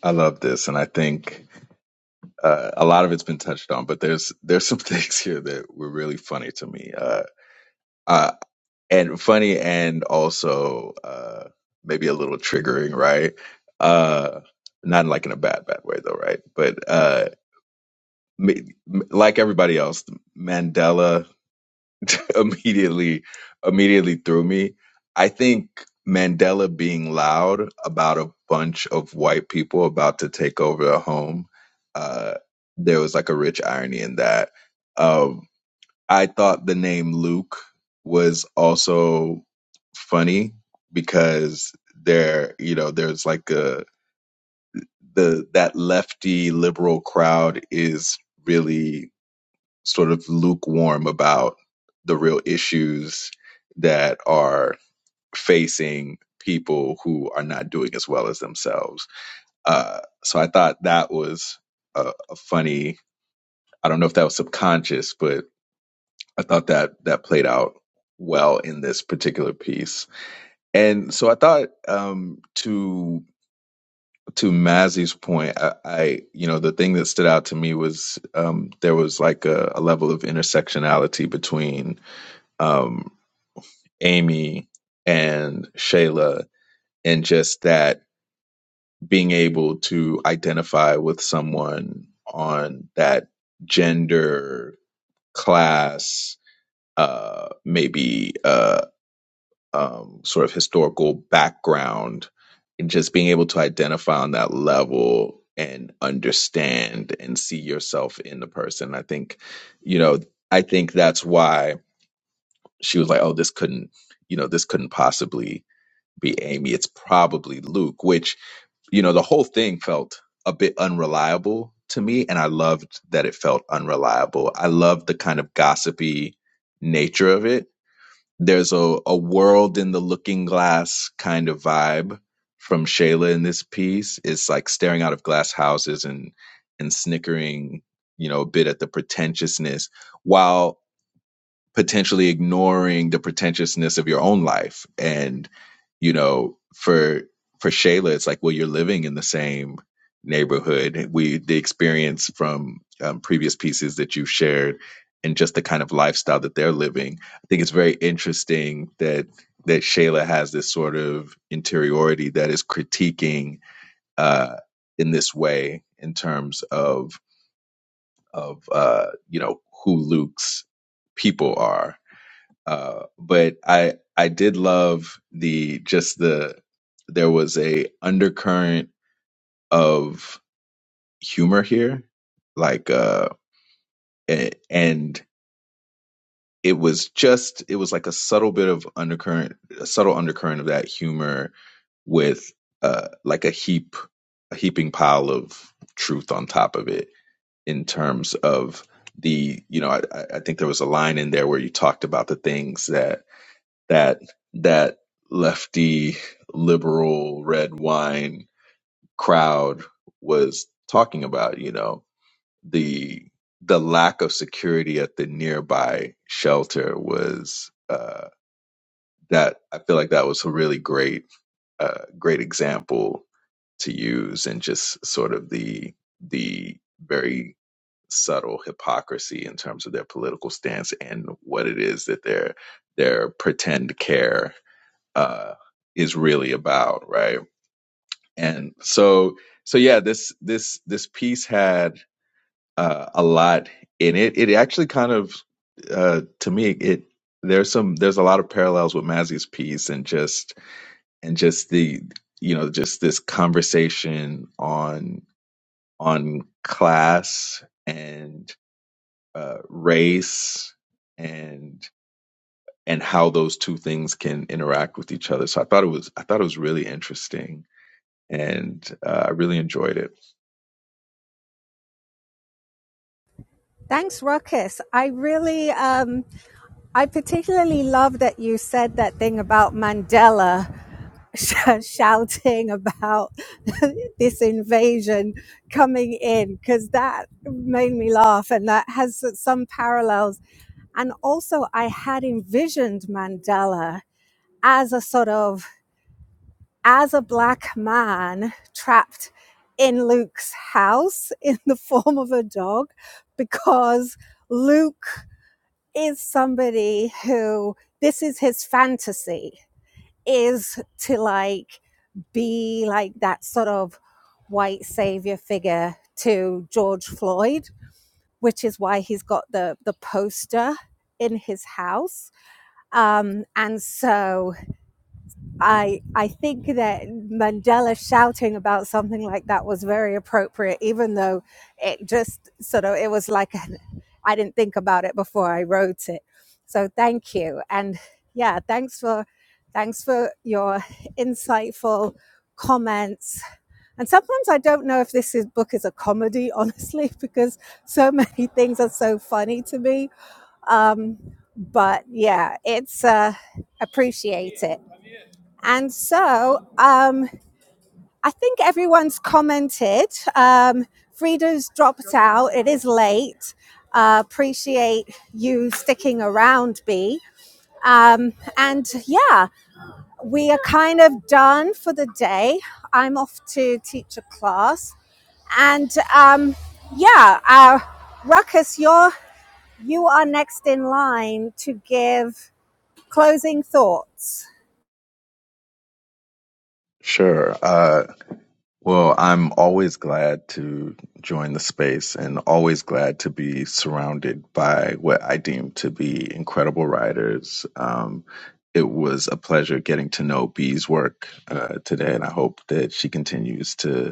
Speaker 4: I love this, and I think uh, a lot of it's been touched on, but there's there's some things here that were really funny to me, uh, uh, and funny, and also uh, maybe a little triggering, right? Uh, not like in a bad bad way though, right? But uh, m- m- like everybody else, Mandela immediately immediately threw me. I think Mandela being loud about a bunch of white people about to take over a home, uh, there was like a rich irony in that. Um, I thought the name Luke was also funny because there, you know, there's like a the that lefty liberal crowd is really sort of lukewarm about the real issues that are facing people who are not doing as well as themselves. Uh, so I thought that was a, a funny. I don't know if that was subconscious, but I thought that that played out well in this particular piece. And so I thought um, to to Mazzy's point, I, I you know the thing that stood out to me was um, there was like a, a level of intersectionality between um, Amy and Shayla, and just that being able to identify with someone on that gender, class, uh, maybe uh, um, sort of historical background, and just being able to identify on that level and understand and see yourself in the person. I think, you know, I think that's why she was like, oh, this couldn't, you know, this couldn't possibly be Amy. It's probably Luke, which, you know, the whole thing felt a bit unreliable to me. And I loved that it felt unreliable. I loved the kind of gossipy nature of it. There's a, a world in the looking glass kind of vibe from Shayla in this piece. It's like staring out of glass houses and and snickering, you know, a bit at the pretentiousness. while potentially ignoring the pretentiousness of your own life and you know for for Shayla it's like well you're living in the same neighborhood we the experience from um, previous pieces that you've shared and just the kind of lifestyle that they're living I think it's very interesting that that Shayla has this sort of interiority that is critiquing uh in this way in terms of of uh you know who Luke's people are uh, but I I did love the just the there was a undercurrent of humor here, like uh, a- and it was just it was like a subtle bit of undercurrent, a subtle undercurrent of that humor with uh like a heap a heaping pile of truth on top of it in terms of the you know I, I I think there was a line in there where you talked about the things that that that lefty liberal red wine crowd was talking about you know the the lack of security at the nearby shelter was uh that i feel like that was a really great uh great example to use and just sort of the the very subtle hypocrisy in terms of their political stance and what it is that their their pretend care uh, is really about, right? And so, so yeah, this this this piece had uh, a lot in it. It actually kind of, uh, to me, it there's some there's a lot of parallels with Mazzy's piece and just and just the you know just this conversation on on class and uh, race and and how those two things can interact with each other. So I thought it was I thought it was really interesting and uh, I really enjoyed it.
Speaker 1: Thanks, Ruckus. I really, um, I particularly love that you said that thing about Mandela sh- shouting about this invasion coming in because that made me laugh, and that has some parallels And also, I had envisioned Mandela as a sort of as a black man trapped in Luke's house in the form of a dog because Luke is somebody who this is his fantasy is to like be like that sort of white savior figure to George Floyd, which is why he's got the the poster in his house Um, and so I I think that Mandela shouting about something like that was very appropriate, even though it just sort of it was like an, I didn't think about it before I wrote it. So thank you, and yeah, thanks for thanks for your insightful comments. And sometimes I don't know if this is, book is a comedy, honestly, because so many things are so funny to me um, but yeah, it's uh, appreciate it. And so um, I think everyone's commented. Um, Frida's dropped out. It is late. Uh, appreciate you sticking around, B. Um, and yeah, we are kind of done for the day. I'm off to teach a class. And um, yeah, uh, Ruckus, you're you are next in line to give Closing thoughts.
Speaker 4: Sure. Uh, well, I'm always glad to join the space and always glad to be surrounded by what I deem to be incredible writers. Um, it was a pleasure getting to know Bee's work uh, today, and I hope that she continues to.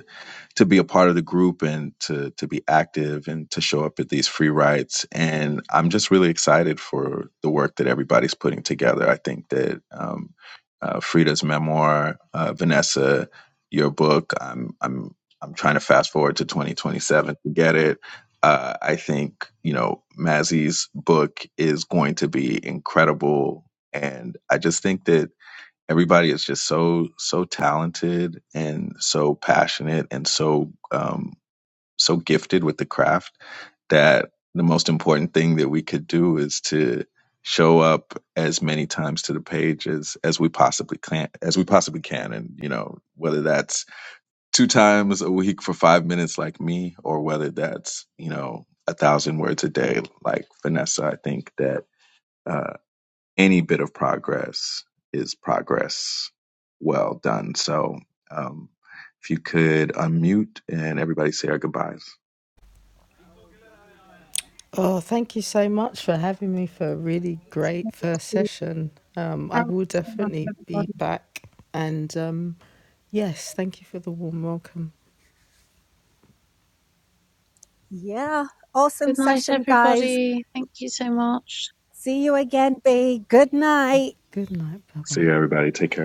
Speaker 4: to be a part of the group and to to be active and to show up at these free rides. And I'm just really excited for the work that everybody's putting together. I think that um, uh, Frida's memoir, uh, Vanessa, your book. I'm I'm I'm trying to fast forward to 2027 to get it. Uh, I think you know Mazzy's book is going to be incredible, and I just think that everybody is just so so talented and so passionate and so um, so gifted with the craft that the most important thing that we could do is to show up as many times to the page as as we possibly can as we possibly can and you know whether that's two times a week for 5 minutes like me or whether that's you know a thousand words a day like Vanessa I think that uh, any bit of progress is progress well done. So, um, if you could unmute and everybody say our goodbyes.
Speaker 3: Oh, thank you so much for having me for a really great first session. Um, I will definitely be
Speaker 5: Everybody.
Speaker 3: back. And um, yes, thank you for the warm welcome.
Speaker 1: Yeah. Awesome
Speaker 5: Good night,
Speaker 1: session, guys.
Speaker 5: everybody. Thank you so much.
Speaker 1: See you again, B. Good night.
Speaker 3: Good night. Bye bye.
Speaker 4: See you, everybody. Take care.